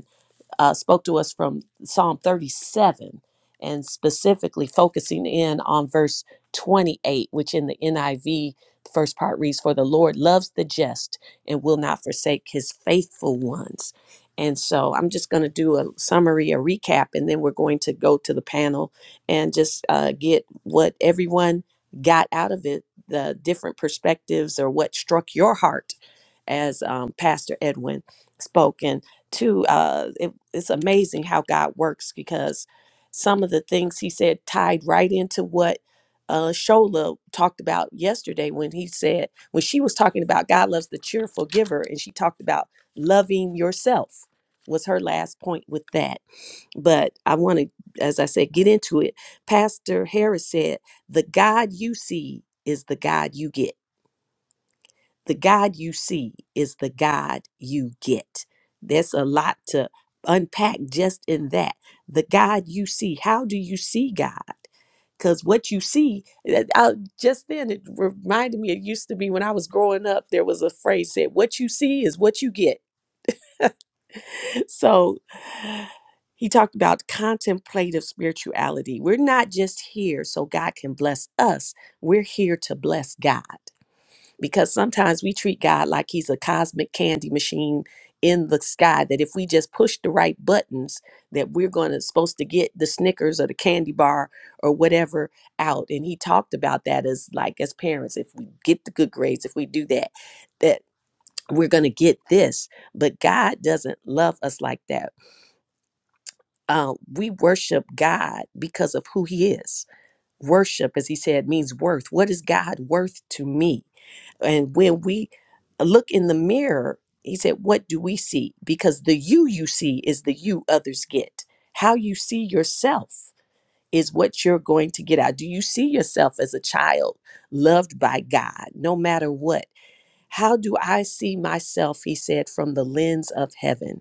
S2: uh, spoke to us from Psalm 37 and specifically focusing in on verse 28, which in the NIV, the first part reads, For the Lord loves the just and will not forsake his faithful ones. And so I'm just going to do a summary, a recap, and then we're going to go to the panel and just uh, get what everyone got out of it, the different perspectives or what struck your heart as um, Pastor Edwin spoke. Too, uh it, it's amazing how god works because some of the things he said tied right into what uh shola talked about yesterday when he said when she was talking about god loves the cheerful giver and she talked about loving yourself was her last point with that but i want to as i said get into it pastor harris said the god you see is the god you get the God you see is the God you get. There's a lot to unpack just in that. The God you see, how do you see God? Because what you see, uh, uh, just then it reminded me, it used to be when I was growing up, there was a phrase said, What you see is what you get. So he talked about contemplative spirituality. We're not just here so God can bless us, we're here to bless God. because sometimes we treat God like he's a cosmic candy machine in the sky that if we just push the right buttons that we're going to supposed to get the Snickers or the candy bar or whatever out and he talked about that as like as parents if we get the good grades if we do that that we're going to get this but God doesn't love us like that uh, we worship God because of who he is worship as he said means worth what is God worth to me and when we look in the mirror, he said, What do we see? Because the you you see is the you others get. How you see yourself is what you're going to get out. Do you see yourself as a child loved by God, no matter what? How do I see myself? He said, from the lens of heaven.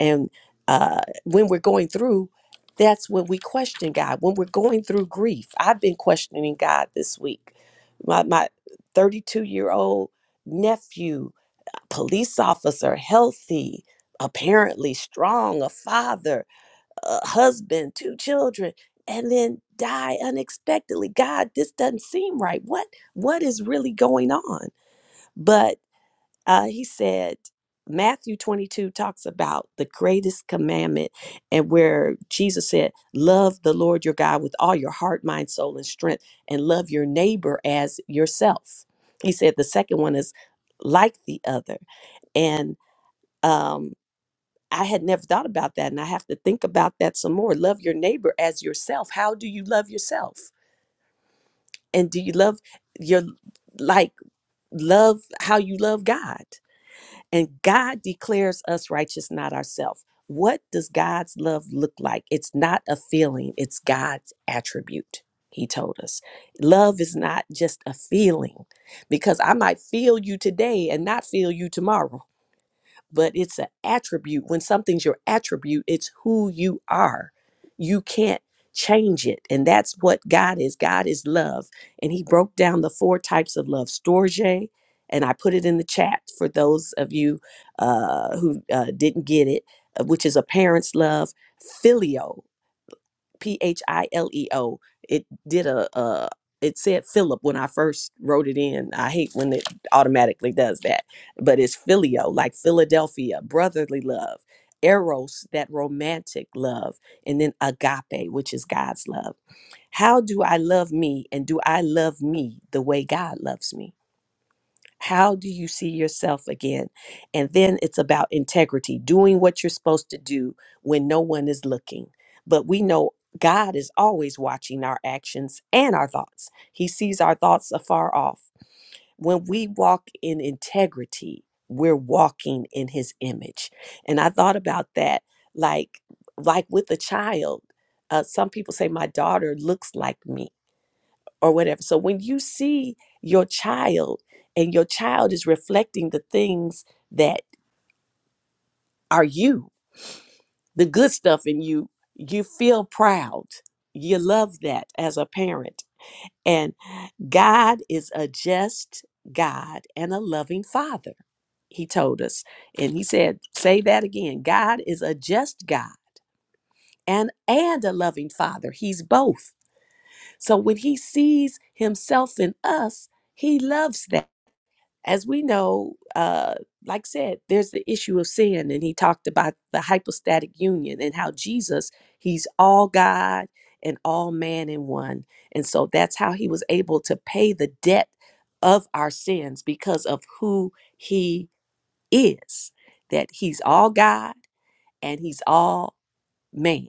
S2: And uh, when we're going through, that's when we question God. When we're going through grief, I've been questioning God this week. My my 32 year old nephew, police officer, healthy, apparently strong, a father, a husband, two children, and then die unexpectedly. God, this doesn't seem right. What what is really going on? But uh, he said matthew 22 talks about the greatest commandment and where jesus said love the lord your god with all your heart mind soul and strength and love your neighbor as yourself he said the second one is like the other and um I had never thought about that, and I have to think about that some more. Love your neighbor as yourself. How do you love yourself? And do you love your, like, love how you love God? And God declares us righteous, not ourselves. What does God's love look like? It's not a feeling, it's God's attribute, he told us. Love is not just a feeling because I might feel you today and not feel you tomorrow but it's an attribute. When something's your attribute, it's who you are. You can't change it. And that's what God is. God is love. And he broke down the four types of love storge, and I put it in the chat for those of you uh, who uh, didn't get it, uh, which is a parent's love, filio. P H I L E O. It did a uh it said Philip when I first wrote it in. I hate when it automatically does that. But it's filio, like Philadelphia, brotherly love, eros, that romantic love, and then agape, which is God's love. How do I love me and do I love me the way God loves me? How do you see yourself again? And then it's about integrity, doing what you're supposed to do when no one is looking. But we know God is always watching our actions and our thoughts, He sees our thoughts afar off. When we walk in integrity, we're walking in His image. And I thought about that like, like with a child. Uh, some people say my daughter looks like me or whatever. So when you see your child and your child is reflecting the things that are you, the good stuff in you, you feel proud. You love that as a parent. And God is a just God and a loving Father, he told us. And he said, say that again God is a just God. And, and a loving father. He's both. So when he sees himself in us, he loves that. as we know, uh, like I said, there's the issue of sin, and he talked about the hypostatic union and how Jesus, he's all God and all man in one. And so that's how he was able to pay the debt of our sins because of who he is, that he's all God and he's all man.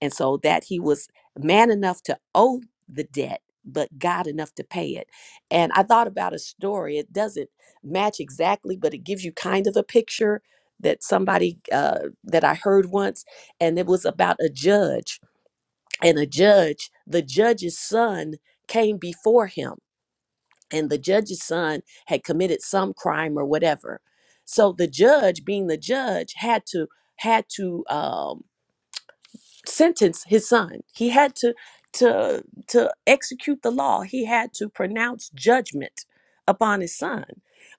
S2: And so that he was man enough to owe the debt, but God enough to pay it. And I thought about a story. It doesn't match exactly, but it gives you kind of a picture that somebody uh, that I heard once. And it was about a judge. And a judge, the judge's son came before him. And the judge's son had committed some crime or whatever. So the judge, being the judge, had to had to um, sentence his son. He had to to to execute the law. He had to pronounce judgment upon his son.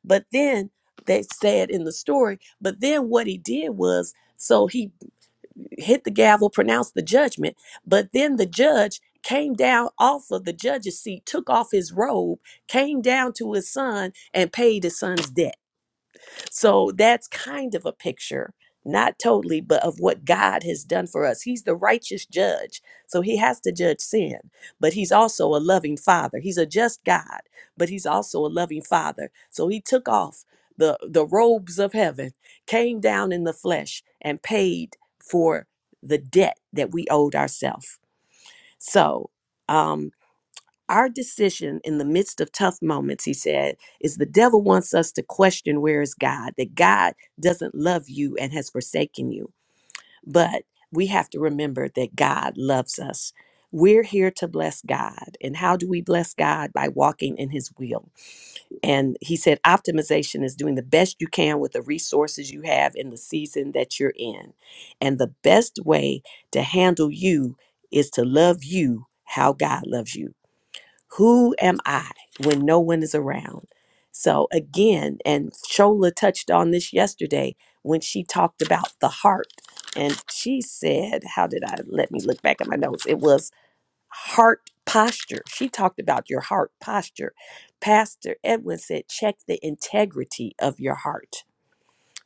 S2: But then they said in the story, but then what he did was so he hit the gavel, pronounced the judgment, but then the judge came down off of the judge's seat, took off his robe, came down to his son and paid his son's debt. So that's kind of a picture, not totally, but of what God has done for us. He's the righteous judge. So he has to judge sin, but he's also a loving father. He's a just God, but he's also a loving father. So he took off the, the robes of heaven, came down in the flesh, and paid for the debt that we owed ourselves. So, um, our decision in the midst of tough moments, he said, is the devil wants us to question where is God, that God doesn't love you and has forsaken you. But we have to remember that God loves us. We're here to bless God. And how do we bless God? By walking in his will. And he said, optimization is doing the best you can with the resources you have in the season that you're in. And the best way to handle you is to love you how God loves you who am I when no one is around? So again, and Shola touched on this yesterday when she talked about the heart. And she said, how did I let me look back at my notes? It was heart posture. She talked about your heart posture. Pastor Edwin said, check the integrity of your heart.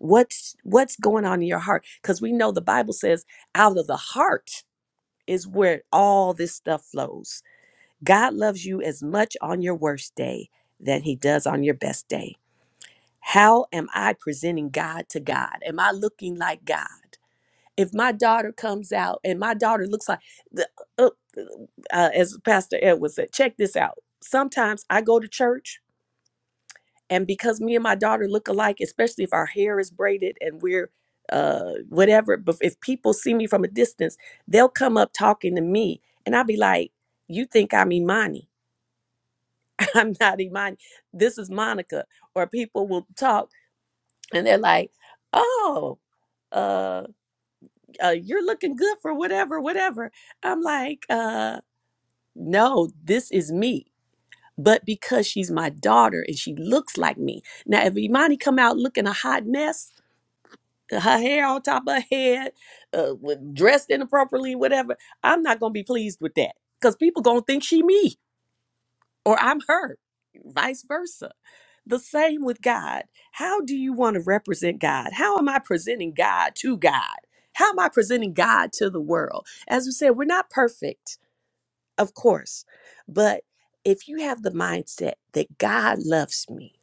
S2: What's what's going on in your heart? Because we know the Bible says out of the heart is where all this stuff flows God loves you as much on your worst day than he does on your best day. How am I presenting God to God? Am I looking like God? If my daughter comes out and my daughter looks like, the, uh, uh, uh, as Pastor Edwards said, check this out. Sometimes I go to church, and because me and my daughter look alike, especially if our hair is braided and we're uh, whatever, but if people see me from a distance, they'll come up talking to me, and I'll be like, You think I'm Imani? I'm not Imani. This is Monica. Or people will talk and they're like, oh, uh, uh you're looking good for whatever, whatever. I'm like, uh, no, this is me. But because she's my daughter and she looks like me. Now, if Imani come out looking a hot mess, uh, her hair on top of her head, uh, with- dressed inappropriately, whatever, I'm not gonna be pleased with that because people gonna think she me. or I'm hurt, vice versa. The same with God. How do you want to represent God? How am I presenting God to God? How am I presenting God to the world? As we said, we're not perfect, of course, but if you have the mindset that God loves me,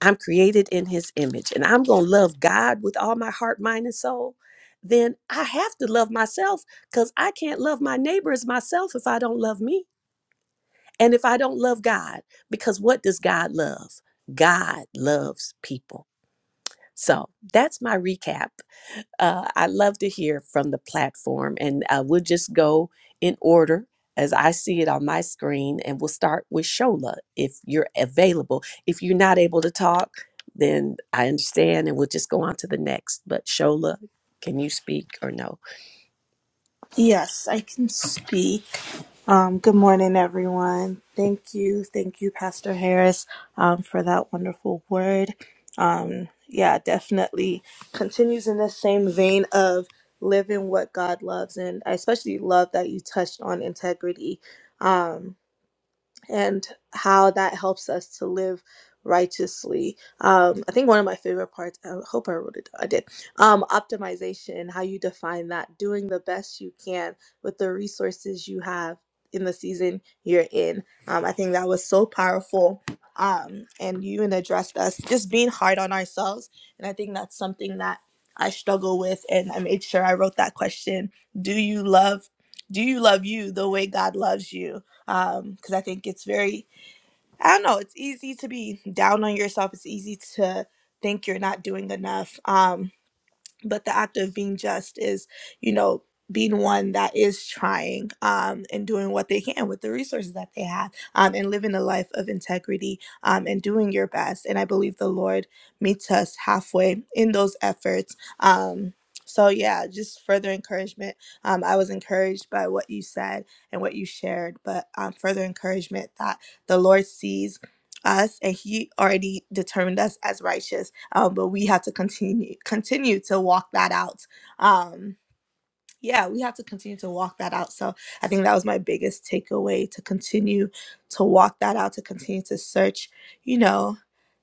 S2: I'm created in his image, and I'm going to love God with all my heart, mind, and soul, then I have to love myself because I can't love my neighbor as myself if I don't love me. And if I don't love God, because what does God love? God loves people. So that's my recap. Uh, I love to hear from the platform, and uh, we'll just go in order as I see it on my screen, and we'll start with Shola if you're available. If you're not able to talk, then I understand, and we'll just go on to the next. But Shola, can you speak or no?
S1: Yes, I can speak. Um, good morning, everyone. Thank you. Thank you, Pastor Harris, um, for that wonderful word. Um, yeah, definitely continues in the same vein of living what God loves. And I especially love that you touched on integrity. Um, and how that helps us to live righteously. Um, I think one of my favorite parts, I hope I wrote it I did, um, optimization, how you define that, doing the best you can with the resources you have in the season you're in. Um, I think that was so powerful. Um, and you even addressed us just being hard on ourselves. And I think that's something that I struggle with. And I made sure I wrote that question. Do you love, do you love you the way God loves you? um because i think it's very i don't know it's easy to be down on yourself it's easy to think you're not doing enough um but the act of being just is you know being one that is trying um, and doing what they can with the resources that they have um, and living a life of integrity um, and doing your best and i believe the lord meets us halfway in those efforts um, so yeah just further encouragement um, i was encouraged by what you said and what you shared but um, further encouragement that the lord sees us and he already determined us as righteous um, but we have to continue continue to walk that out. Um, yeah, we have to continue to walk that out. So I think that was my biggest takeaway to continue to walk that out, to continue to search, you know,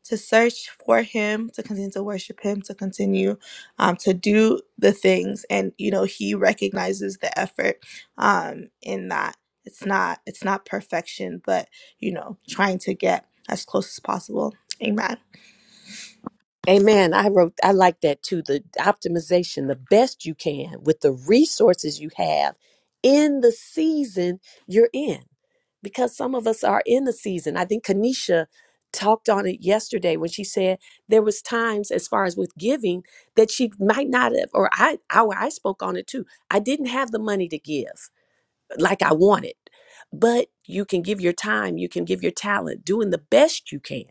S1: to search for Him, to continue to worship Him, to continue um, to do the things, and you know, He recognizes the effort um, in that. It's not it's not perfection, but you know, trying to get as close as possible. Amen.
S2: Amen. I wrote, I like that too. The optimization, the best you can with the resources you have in the season you're in. Because some of us are in the season. I think Kanisha talked on it yesterday when she said there was times as far as with giving that she might not have, or I, I, I spoke on it too. I didn't have the money to give like I wanted, but you can give your time, you can give your talent, doing the best you can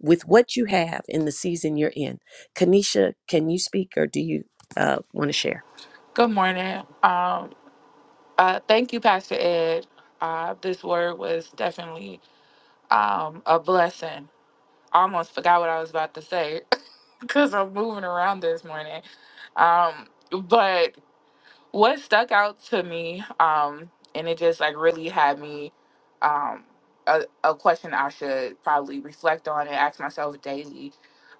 S2: with what you have in the season you're in. Kanisha, can you speak or do you uh, want to share?
S4: Good morning. Um, uh, thank you, Pastor Ed. Uh, this word was definitely um, a blessing. I almost forgot what I was about to say because I'm moving around this morning. Um, but what stuck out to me um and it just like really had me um a, a question i should probably reflect on and ask myself daily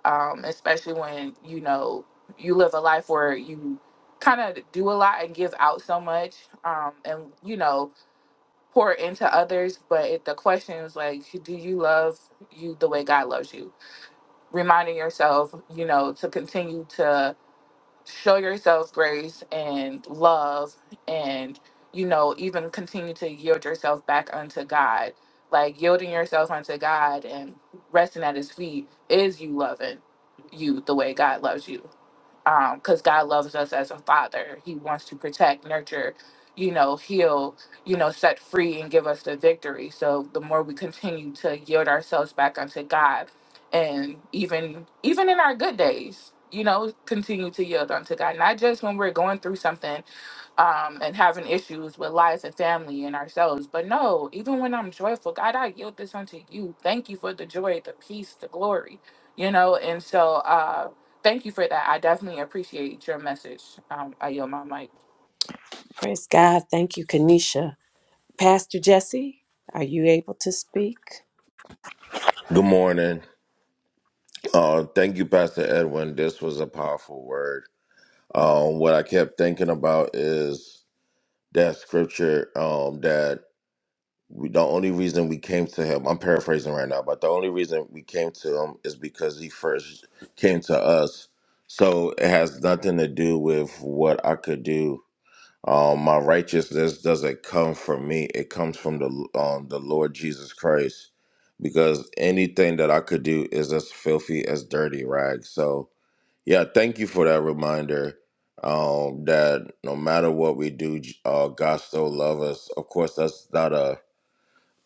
S4: um especially when you know you live a life where you kind of do a lot and give out so much um and you know pour into others but it, the question is like do you love you the way god loves you reminding yourself you know to continue to show yourselves grace and love and you know even continue to yield yourself back unto god like yielding yourself unto god and resting at his feet is you loving you the way god loves you because God loves us as a father. He wants to protect, nurture, you know, heal, you know, set free and give us the victory. So the more we continue to yield ourselves back unto God, and even even in our good days, you know, continue to yield unto God, not just when we're going through something um, and having issues with life and family and ourselves. But no, even when I'm joyful, God, I yield this unto you. Thank you for the joy, the peace, the glory, you know. And so, uh, Thank you for that. I definitely appreciate your message. Um, I yield my mic.
S2: Praise God. Thank you, Kanisha. Pastor Jesse, are you able to speak?
S5: Good morning. Uh, thank you, Pastor Edwin. This was a powerful word. Um, what I kept thinking about is that scripture um, that we, the only reason we came to him, I'm paraphrasing right now, but the only reason we came to him is because he first came to us. So it has nothing to do with what I could do um, my righteousness doesn't come from me; it comes from the um, the Lord Jesus Christ. Because anything that I could do is as filthy as dirty rags. So yeah, thank you for that reminder. Um, that no matter what we do, J- uh, God still loves us. Of course, that's not a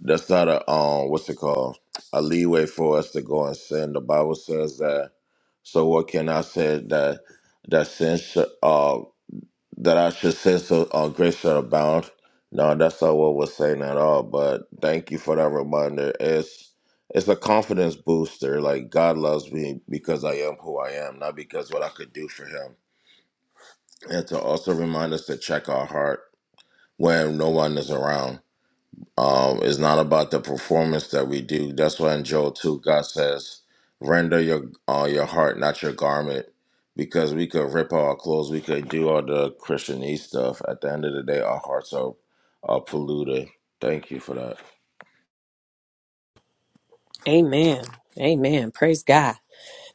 S5: that's not a um what's it called a leeway for us to go and sin. The Bible says that. So what can I say that that sin sh- uh that I should say so or grace should No, that's not what we're saying at all. But thank you for that reminder. It's it's a confidence booster. Like God loves me because I am who I am, not because what I could do for Him. And to also remind us to check our heart when no one is around um, it's not about the performance that we do. That's why in Joel 2, God says, render your uh, your heart, not your garment, because we could rip our clothes, we could do all the Christianese stuff. At the end of the day, our hearts are, are polluted. Thank you for that.
S2: Amen. Amen. Praise God.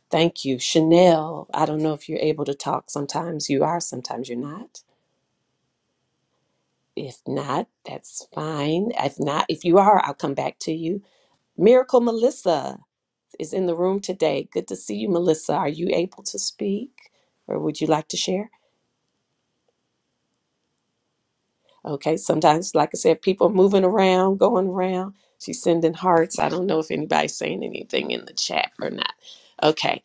S2: Thank you. Chanel, I don't know if you're able to talk. Sometimes you are, sometimes you're not. If not, that's fine. If not, if you are, I'll come back to you. Miracle Melissa is in the room today. Good to see you, Melissa. Are you able to speak or would you like to share? Okay, sometimes, like I said, people moving around, going around. She's sending hearts. I don't know if anybody's saying anything in the chat or not. Okay,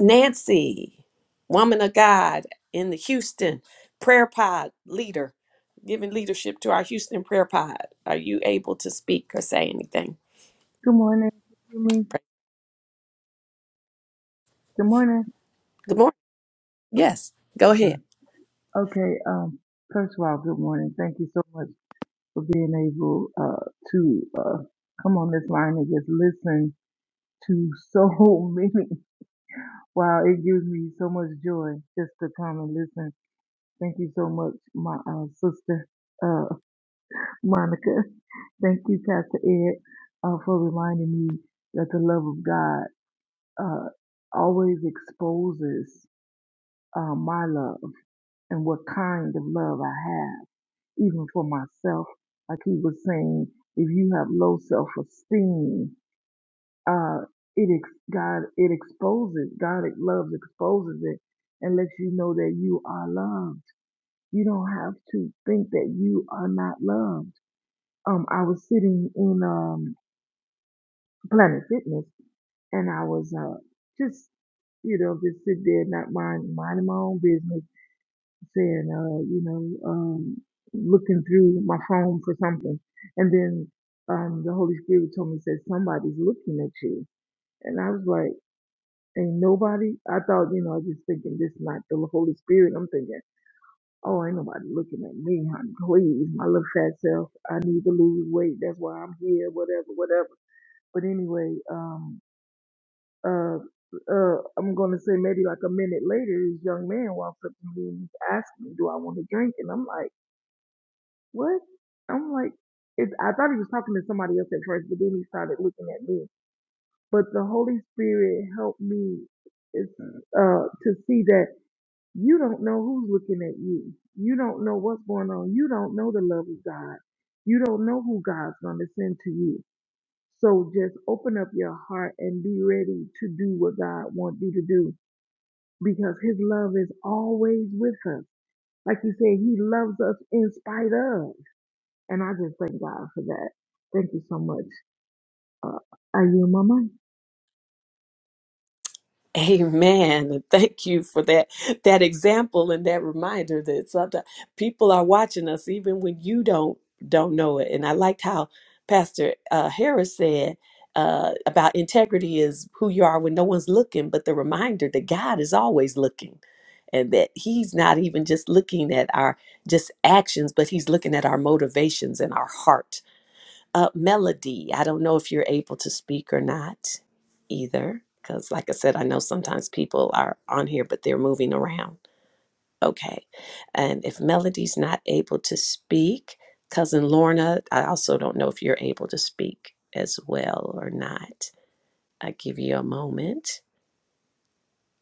S2: Nancy, woman of God in the Houston prayer pod leader, giving leadership to our Houston prayer pod. Are you able to speak or say anything?
S6: Good morning. Can you hear me?
S2: Pray-
S6: Good morning.
S2: Good morning. Yes, go
S6: I'm
S2: ahead.
S6: sorry. Okay. Um. First of all, good morning. Thank you so much for being able uh, to uh, come on this line and just listen to so many. Wow, it gives me so much joy just to come and listen. Thank you so much, my uh, sister uh, Monica. Thank you, Pastor Ed, uh, for reminding me that the love of God uh, always exposes uh, my love. and what kind of love I have, even for myself. Like he was saying, if you have low self-esteem, uh, it ex- God it exposes God it loves exposes it and lets you know that you are loved. You don't have to think that you are not loved. Um, I was sitting in um Planet Fitness and I was uh just you know just sit there not mind minding my own business saying, uh, you know, um, looking through my phone for something. And then um, the Holy Spirit told me, said, somebody's looking at you. And I was like, ain't nobody. I thought, you know, I was just thinking this not the Holy Spirit. I'm thinking, oh, ain't nobody looking at me, honey. Please, my little fat self. I need to lose weight. That's why I'm here, whatever, whatever. But anyway, um, uh, uh, I'm going to say maybe like a minute later, this young man walks up to me and he's asking me, do I want to drink? And I'm like, what? I'm like, it's, I thought he was talking to somebody else at first, but then he started looking at me. But the Holy Spirit helped me is, uh, to see that you don't know who's looking at you. You don't know what's going on. You don't know the love of God. You don't know who God's going to send to you. So just open up your heart and be ready to do what God wants you to do because his love is always with us. Like you said, he loves us in spite of. And I just thank God for that. Thank you so much. Uh, are you my mic?
S2: Amen. Thank you for that that example and that reminder that sometimes people are watching us even when you don't don't know it. And I liked how Pastor uh, Harris said uh, about integrity is who you are when no one's looking, but the reminder that God is always looking, and that He's not even just looking at our just actions, but He's looking at our motivations and our heart uh, melody. I don't know if you're able to speak or not either, because, like I said, I know sometimes people are on here, but they're moving around. Okay. And if Melody's not able to speak, Cousin Lorna, I also don't know if you're able to speak as well or not. I give you a moment.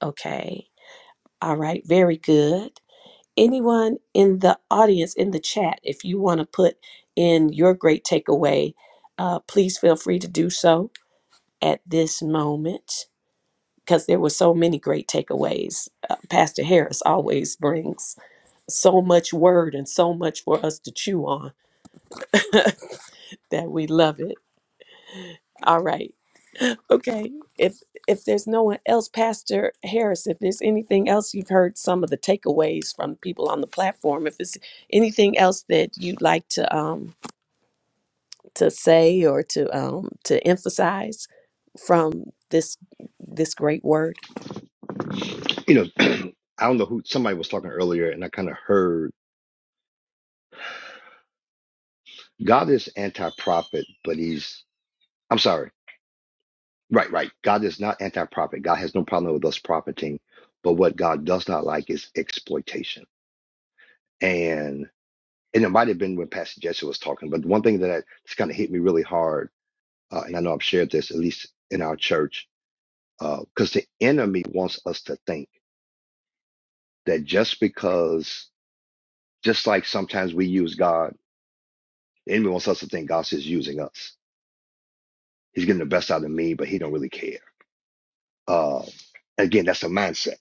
S2: Okay. All right. Very good. Anyone in the audience, in the chat, if you want to put in your great takeaway, uh, please feel free to do so at this moment because there were so many great takeaways. Uh, Pastor Harris always brings so much word and so much for us to chew on that we love it. All right. Okay. If if there's no one else, Pastor Harris, if there's anything else you've heard some of the takeaways from people on the platform, if it's anything else that you'd like to um to say or to um to emphasize from this this great word.
S3: amen. You know, I don't know who somebody was talking earlier, and I kind of heard God is anti-prophet, but he's I'm sorry. Right, right. God is not anti-prophet. God has no problem with us profiting, but what God does not like is exploitation. And and it might have been when Pastor Jesse was talking, but one thing that I, just kind of hit me really hard, uh, and I know I've shared this at least in our church, because the enemy wants us to think that just because, just like sometimes we use God, the enemy wants us to think God's just using us. He's getting the best out of me, but he don't really care Uh, again, that's a mindset.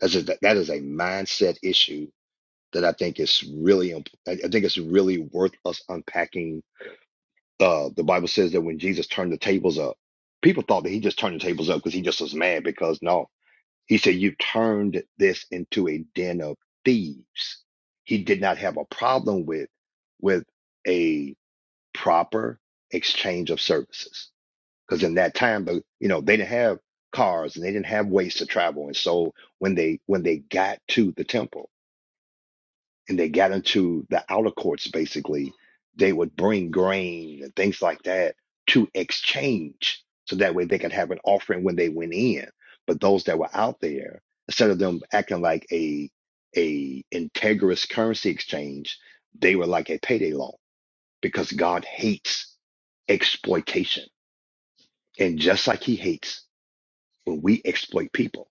S3: That's a, that is a mindset issue that I think is really, imp- I I think it's really worth us unpacking. Uh, the Bible says that when Jesus turned the tables up, people thought that he just turned the tables up because he just was mad because no, he said, you turned this into a den of thieves. He did not have a problem with, with a proper exchange of services because in that time but you know they didn't have cars and they didn't have ways to travel and so when they when they got to the temple and they got into the outer courts basically they would bring grain and things like that to exchange so that way they could have an offering when they went in but those that were out there instead of them acting like a a integrous currency exchange they were like a payday loan because god hates exploitation and just like he hates when we exploit people.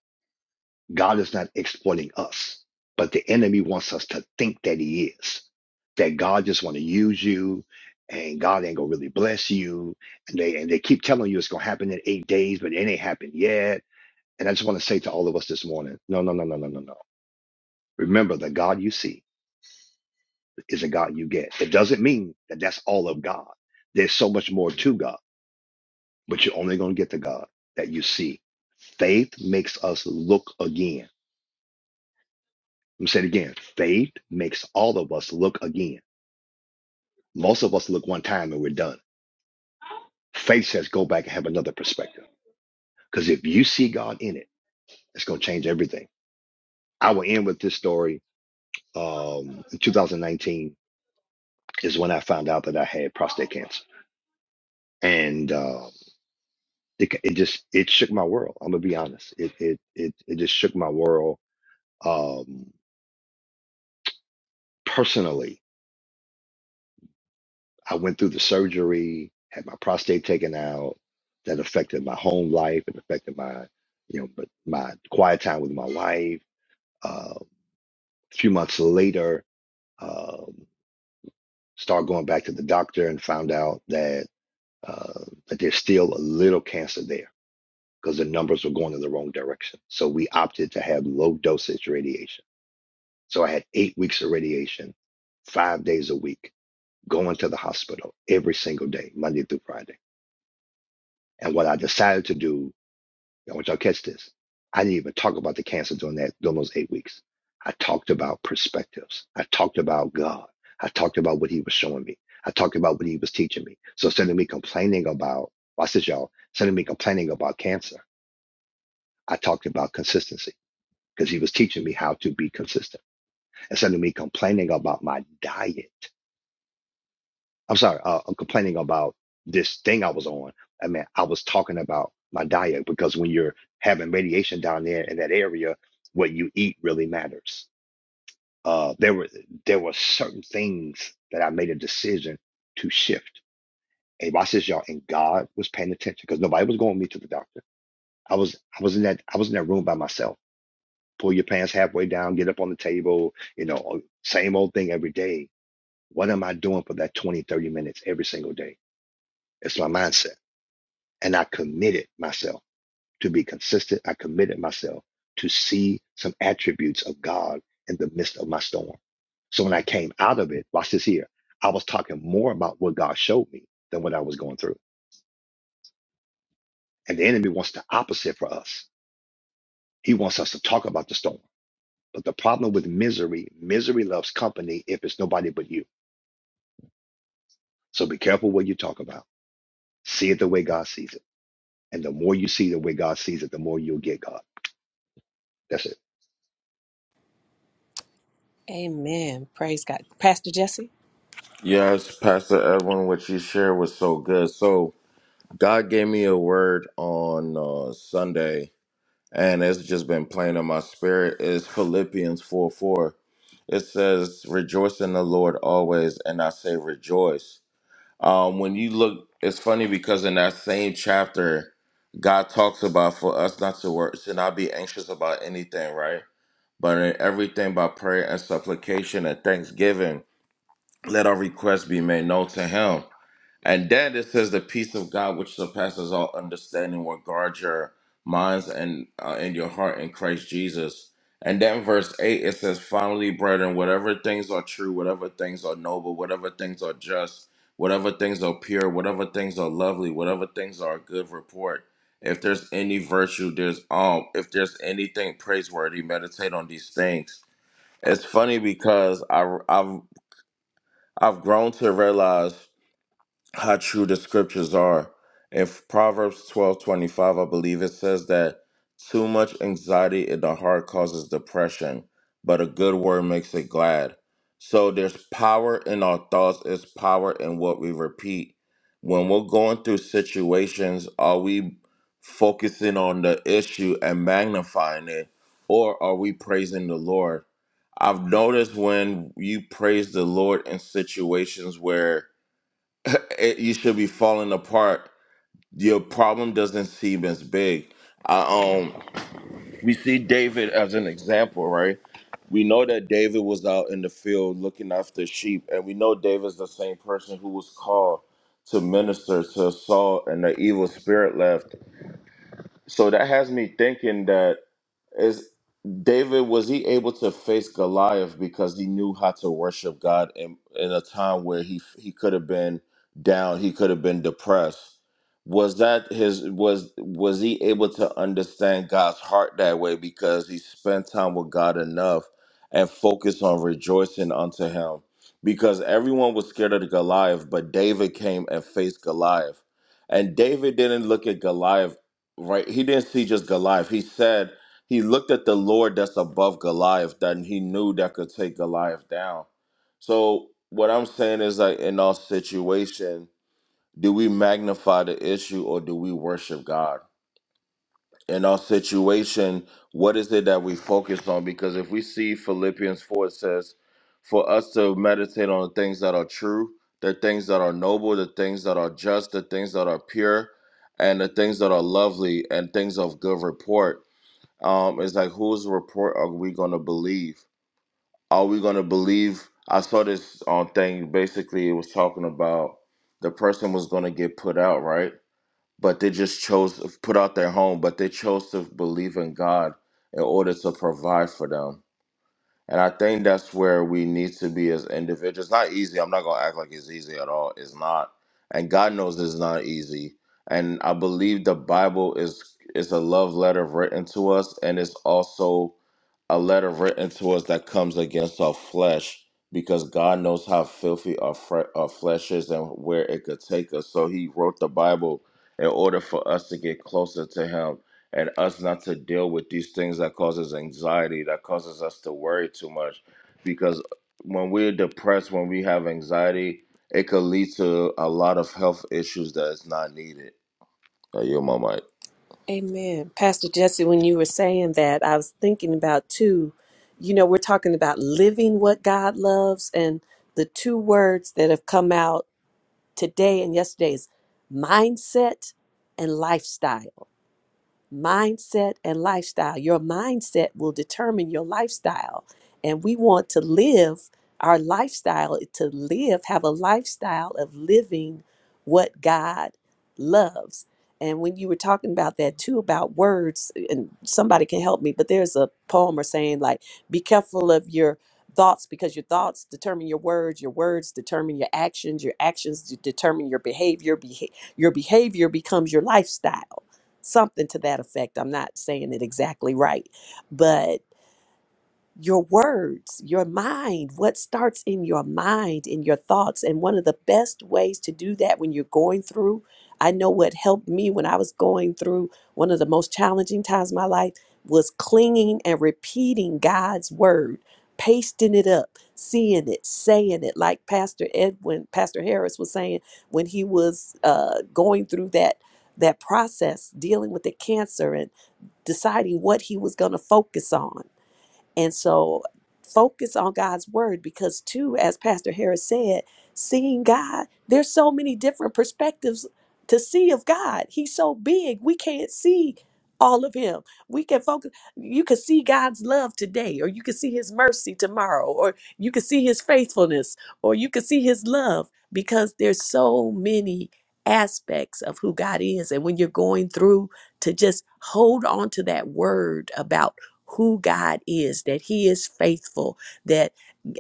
S3: God is not exploiting us, but the enemy wants us to think that he is, that God just want to use you and God ain't gonna really bless you. And they and they keep telling you it's gonna happen in eight days, but it ain't happened yet. And I just want to say to all of us this morning, no, no, no, no, no, no, no. Remember the God you see is a God you get. It doesn't mean that that's all of God. There's so much more to God, but you're only gonna get the God that you see. Faith makes us look again. Let me say it again. Faith makes all of us look again. Most of us look one time and we're done. Faith says go back and have another perspective. Because if you see God in it, it's going to change everything. I will end with this story. Um, in 2019 is when I found out that I had prostate cancer, and uh, it, it just it shook my world. I'm gonna be honest. It it it, it just shook my world um, personally I went through the surgery, had my prostate taken out. That affected my home life. It affected my, you know, but my quiet time with my wife. Uh, a few months later, um, start going back to the doctor and found out that uh, that there's still a little cancer there because the numbers were going in the wrong direction. So we opted to have low dosage radiation. So I had eight weeks of radiation, five days a week, going to the hospital every single day, Monday through Friday. And what I decided to do, I want y'all to catch this. I didn't even talk about the cancer during that during those eight weeks. I talked about perspectives. I talked about God. I talked about what He was showing me. I talked about what He was teaching me. So instead of me complaining about, watch this, y'all. Instead of me complaining about cancer, I talked about consistency because He was teaching me how to be consistent. Instead of me complaining about my diet, I'm sorry, uh, I'm complaining about this thing I was on. I mean, I was talking about my diet because when you're having radiation down there in that area, what you eat really matters. Uh, there were there were certain things that I made a decision to shift. And watch this, y'all. And God was paying attention because nobody was going with me to the doctor. I was I was in that I was in that room by myself. Pull your pants halfway down, get up on the table, you know, uh, same old thing every day. What am I doing for that 20, 30 minutes every single day? It's my mindset. and I committed myself to be consistent. I committed myself to see some attributes of God in the midst of my storm. So when I came out of it, watch this here, I was talking more about what God showed me than what I was going through. And the enemy wants the opposite for us. He wants us to talk about the storm. But the problem with misery, misery loves company if it's nobody but you. So be careful what you talk about. See it the way God sees it. And the more you see the way God sees it, the more you'll get God. That's it.
S2: Amen. Praise God. Pastor Jesse?
S5: Yes, Pastor Edwin, what you shared was so good. So God gave me a word on uh, Sunday and it's just been playing in my spirit is Philippians 4 4. It says, Rejoice in the Lord always, and I say rejoice. Um, when you look, it's funny because in that same chapter, God talks about for us not to work, to not be anxious about anything, right? But in everything by prayer and supplication and thanksgiving, let our requests be made known to Him. And then it says the peace of God, which surpasses all understanding, will guard your minds and uh, and your heart in Christ Jesus. And then verse eight, it says, finally, brethren, whatever things are true, whatever things are noble, whatever things are just, whatever things are pure, whatever things are lovely, whatever things are a good report. If there's any virtue, there's um, if there's anything praiseworthy, meditate on these things. It's funny because I I've I've grown to realize how true the scriptures are. If Proverbs twelve twenty five, I believe it says that too much anxiety in the heart causes depression, but a good word makes it glad. So there's power in our thoughts, there's power in what we repeat. When we're going through situations, are we focusing on the issue and magnifying it, or are we praising the Lord? I've noticed when you praise the Lord in situations where it, you should be falling apart. Your problem doesn't seem as big. I, um, we see David as an example, right? We know that David was out in the field looking after sheep, and we know David's the same person who was called to minister to Saul, and the evil spirit left. So that has me thinking that is David was he able to face Goliath because he knew how to worship God in, in a time where he he could have been down, he could have been depressed. Was that his was was he able to understand God's heart that way because he spent time with God enough and focused on rejoicing unto him? Because everyone was scared of the Goliath, but David came and faced Goliath. And David didn't look at Goliath right? He didn't see just Goliath. He said he looked at the Lord that's above Goliath, that he knew that could take Goliath down. So what I'm saying is like in our situation, do we magnify the issue or do we worship God? in our situation, what is it that we focus on? Because if we see Philippians 4, it says, for us to meditate on the things that are true, the things that are noble, the things that are just, the things that are pure, and the things that are lovely and things of good report. Um, it's like whose report are we gonna believe? Are we gonna believe? I saw this um, thing. Basically, it was talking about the person was gonna get put out, right? but they just chose to put out their home, but they chose to believe in God in order to provide for them. And I think that's where we need to be as individuals. It's Not easy. I'm not gonna act like it's easy at all. It's not. And God knows it's not easy. And I believe the Bible is is a love letter written to us, and it's also a letter written to us that comes against our flesh because God knows how filthy our, fre- our flesh is and where it could take us. So he wrote the Bible in order for us to get closer to him and us not to deal with these things that causes anxiety, that causes us to worry too much because when we're depressed, when we have anxiety, it could lead to a lot of health issues that is not needed. Oh, you my mic.
S2: Amen. Pastor Jesse, when you were saying that, I was thinking about two. You know, we're talking about living what God loves, and the two words that have come out today and yesterday is mindset and lifestyle. mindset and lifestyle. Your mindset will determine your lifestyle. And we want to live our lifestyle, to live, have a lifestyle of living what God loves. And when you were talking about that too, about words, and somebody can help me, but there's a poem or saying like, be careful of your thoughts because your thoughts determine your words, your words determine your actions, your actions de- determine your behavior, beha- your behavior becomes your lifestyle something to that effect. I'm not saying it exactly right, but your words, your mind, what starts in your mind, in your thoughts. And one of the best ways to do that when you're going through, I know what helped me when I was going through one of the most challenging times in my life was clinging and repeating God's word, pasting it up, seeing it, saying it, like Pastor Edwin, Pastor Harris was saying when he was uh, going through that that process dealing with the cancer and deciding what he was going to focus on and so focus on God's word because, too, as Pastor Harris said, seeing God, there's so many different perspectives to see of God. He's so big, we can't see all of him. We can focus you can see God's love today or you can see his mercy tomorrow or you can see his faithfulness or you can see his love because there's so many aspects of who God is and when you're going through to just hold on to that word about who God is, that he is faithful, that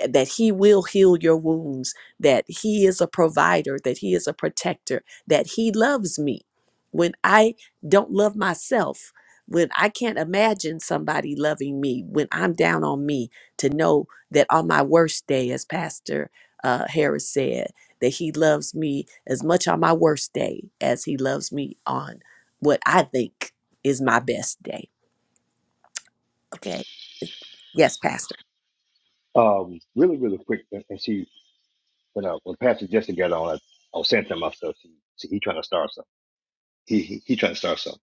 S2: that he will heal your wounds, that he is a provider, that he is a protector, that he loves me. When I don't love myself, when I can't imagine somebody loving me, when I'm down on me, to know that on my worst day, as Pastor uh, Harris said, that he loves me as much on my worst day as he loves me on what I think is my best day. Okay. Yes, Pastor.
S3: Um, really, really quick. and us see. But uh, when Pastor Jesse got on, I, I was saying to myself, see, see he trying to start something. He, he he trying to start something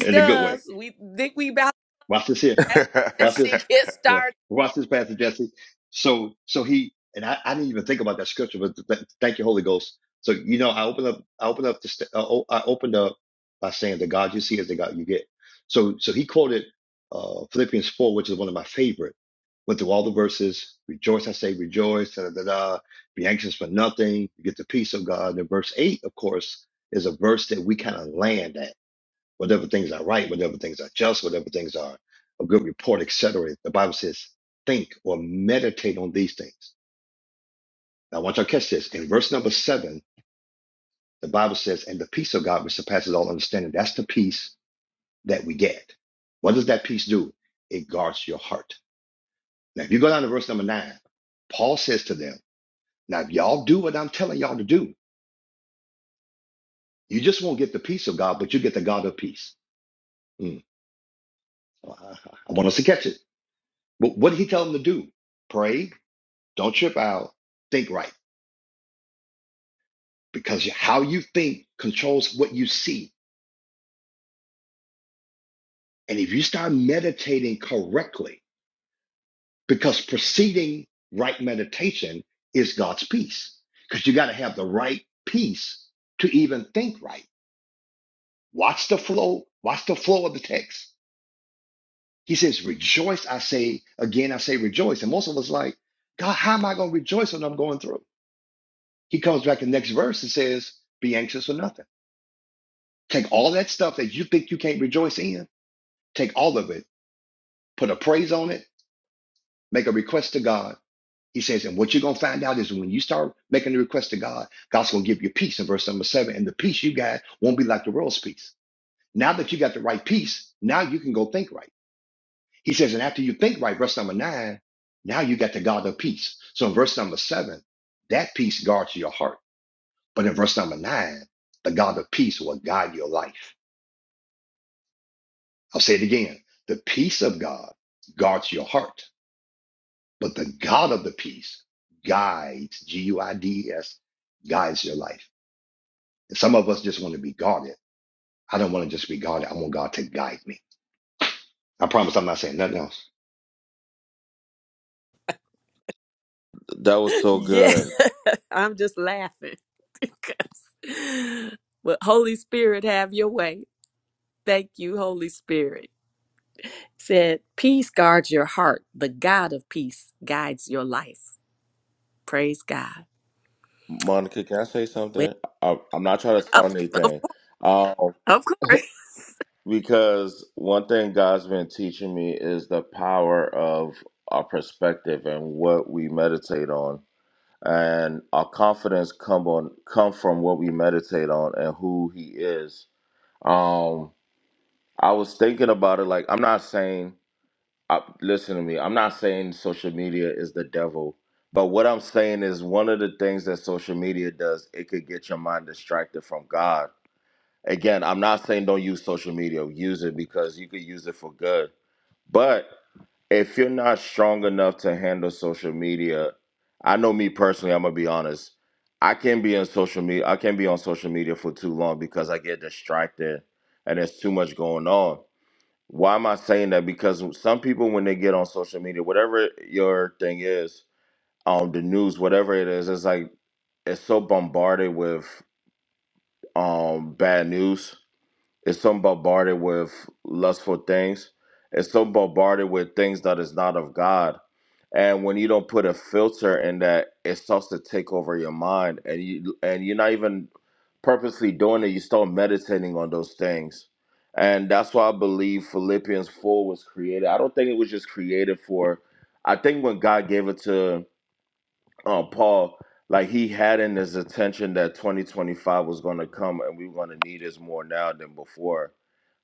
S3: in a good way.
S2: does. We think we about
S3: Watch this here.
S2: to
S3: Watch
S2: she
S3: this.
S2: gets
S3: Boy,
S2: started.
S3: Watch this, Pastor Jesse. So, so he and I, I didn't even think about that scripture, but th- th- thank you, Holy Ghost. So you know, I opened up, I opened up the, st- uh, oh, I opened up by saying the God you see is the God you get. So, so he quoted uh, Philippians four, which is one of my favorite. Went through all the verses. Rejoice, I say, rejoice. Da da da. da. Be anxious for nothing. You get the peace of God. And verse eight, of course, is a verse that we kind of land at whatever things are right, whatever things are just, whatever things are a good report, etc. The Bible says, think or meditate on these things. Now, I want y'all to catch this. In verse number seven, the Bible says, and the peace of God which surpasses all understanding. That's the peace that we get. What does that peace do? It guards your heart. Now, if you go down to verse number nine, Paul says to them, now, if y'all do what I'm telling y'all to do, you just won't get the peace of God, but you get the God of peace. Mm. I- I want us to catch it. But what did he tell them to do? Pray, Don't trip out. Think right because how you think controls what you see. And if you start meditating correctly, because preceding right meditation is God's peace, because you got to have the right peace to even think right. Watch the flow. Watch the flow of the text. He says, rejoice. I say, again, I say rejoice. And most of us like, God, how am I going to rejoice when I'm going through? He comes back in the next verse and says, be anxious for nothing. Take all that stuff that you think you can't rejoice in Take all of it, put a praise on it, make a request to God. He says, and what you're going to find out is when you start making the request to God, God's going to give you peace in verse number seven. And the peace you got won't be like the world's peace. Now that you got the right peace, now you can go think right. He says, and after you think right, verse number nine, now you got the God of peace. So in verse number seven, that peace guards your heart. But in verse number nine, the God of peace will guide your life. I'll say it again. The peace of God guards your heart But the God of the peace guides, G U I D E S, guides your life. And some of us just want to be guarded. I don't want to just be guarded. I want God to guide me. I promise I'm not saying nothing else.
S5: that was so
S2: Yes,
S5: good.
S2: I'm just laughing because. But Holy Spirit, have your way. Thank you, Holy Spirit. Said, peace guards your heart. The God of peace guides your life. Praise God.
S5: Monica, can I say
S2: Well,
S5: something? I, I'm not trying to
S2: up,
S5: sound
S2: of
S5: anything. Um,
S2: of course.
S5: because one thing God's been teaching me is the power of our perspective and what we meditate on. And our confidence come on come from what we meditate on and who he is. Um, I was thinking about it like I'm not saying I, listen to me. I'm not saying social media is the devil, but what I'm saying is one of the things that social media does, it could get your mind distracted from God. Again, I'm not saying don't use social media, use it because you could use it for good. But if you're not strong enough to handle social media, I know me personally, I'm gonna be honest. I can be on social media, I can be on social media for too long because I get distracted and there's too much going on why am I saying that? Because some people, when they get on social media, whatever your thing is, um, the news, whatever it is, it's like it's so bombarded with um bad news it's so bombarded with lustful things. It's so bombarded with things that is not of God. And when you don't put a filter in that, it starts to take over your mind, and you and you're not even purposely doing it. You start meditating on those things, and that's why I believe Philippians four was created. I don't think it was just created for. I think when God gave it to uh, Paul, like he had in his attention that 2025 was going to come, and we were going to need this more now than before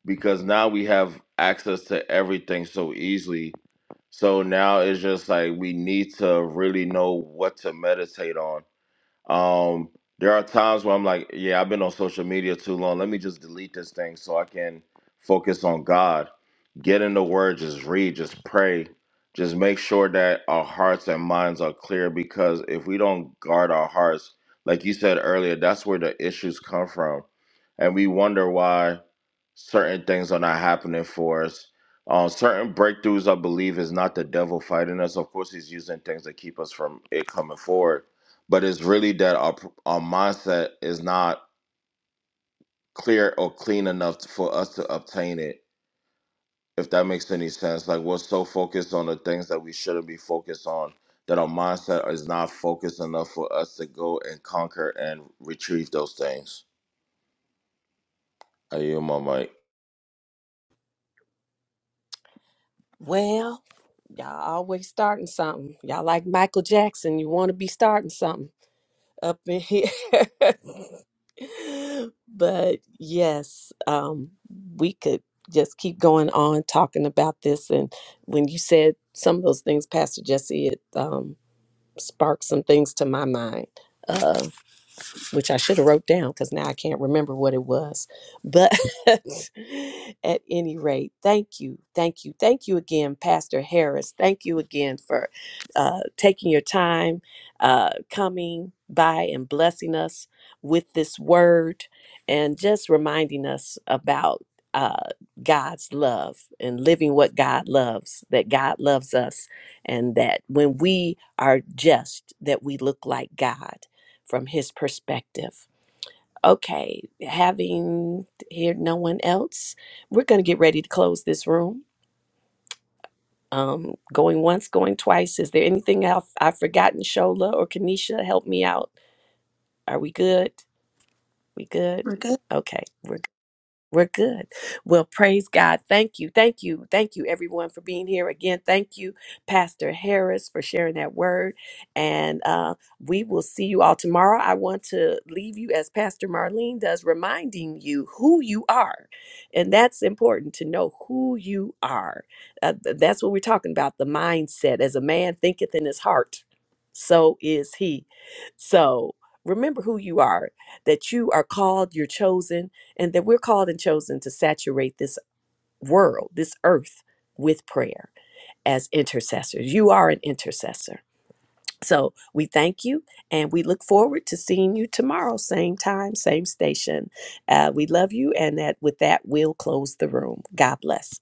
S5: because now we have access to everything so easily. So now it's just like we need to really know what to meditate on um, there are times where I'm like, yeah, I've been on social media too long. Let me just delete this thing so I can focus on God. Get in the Word, just read, just pray, just make sure that our hearts and minds are clear. Because if we don't guard our hearts, like you said earlier, that's where the issues come from, and we wonder why certain things are not happening for us. Um, certain breakthroughs, I believe, is not the devil fighting us. Of course, he's using things to keep us from it coming forward but it's really that our our mindset is not clear or clean enough to, for us to obtain it. If that makes any sense, like we're so focused on the things that we shouldn't be focused on that our mindset is not focused enough for us to go and conquer and retrieve those things. Are you my mic?
S2: Well, y'all always starting something. Y'all like Michael Jackson. You want to be starting something. up in here. But yes, um, we could just keep going on talking about this. And when you said some of those things, Pastor Jesse, it um, sparked some things to my mind. Uh, which I should have wrote down because now I can't remember what it was. But at any rate, thank you, thank you, thank you again, Pastor Harris. Thank you again for uh, taking your time, uh, coming by and blessing us with this word, and just reminding us about uh, God's love and living what God loves. That God loves us, and that when we are just, that we look like God from his perspective. Okay, having here no one else, we're going to get ready to close this room. Um, going once, going twice. Is there anything I've, I've forgotten? Shola or Kanisha, help me out. Are we good? We good?
S1: We're good.
S2: Okay, we're We're good. Well, praise God. Thank you. Thank you. Thank you, everyone, for being here again. Thank you, Pastor Harris, for sharing that word. And uh, we will see you all tomorrow. I want to leave you, as Pastor Marlene does, reminding you who you are. And that's important to know who you are. Uh, th- that's what we're talking about the mindset. As a man thinketh in his heart, so is he. So remember who you are, that you are called, you're chosen and that we're called and chosen to saturate this world, this earth, with prayer as intercessors. You are an intercessor. So we thank you and we look forward to seeing you tomorrow, same time, same station. Uh, we love you. And that, with that, we'll close the room. God bless.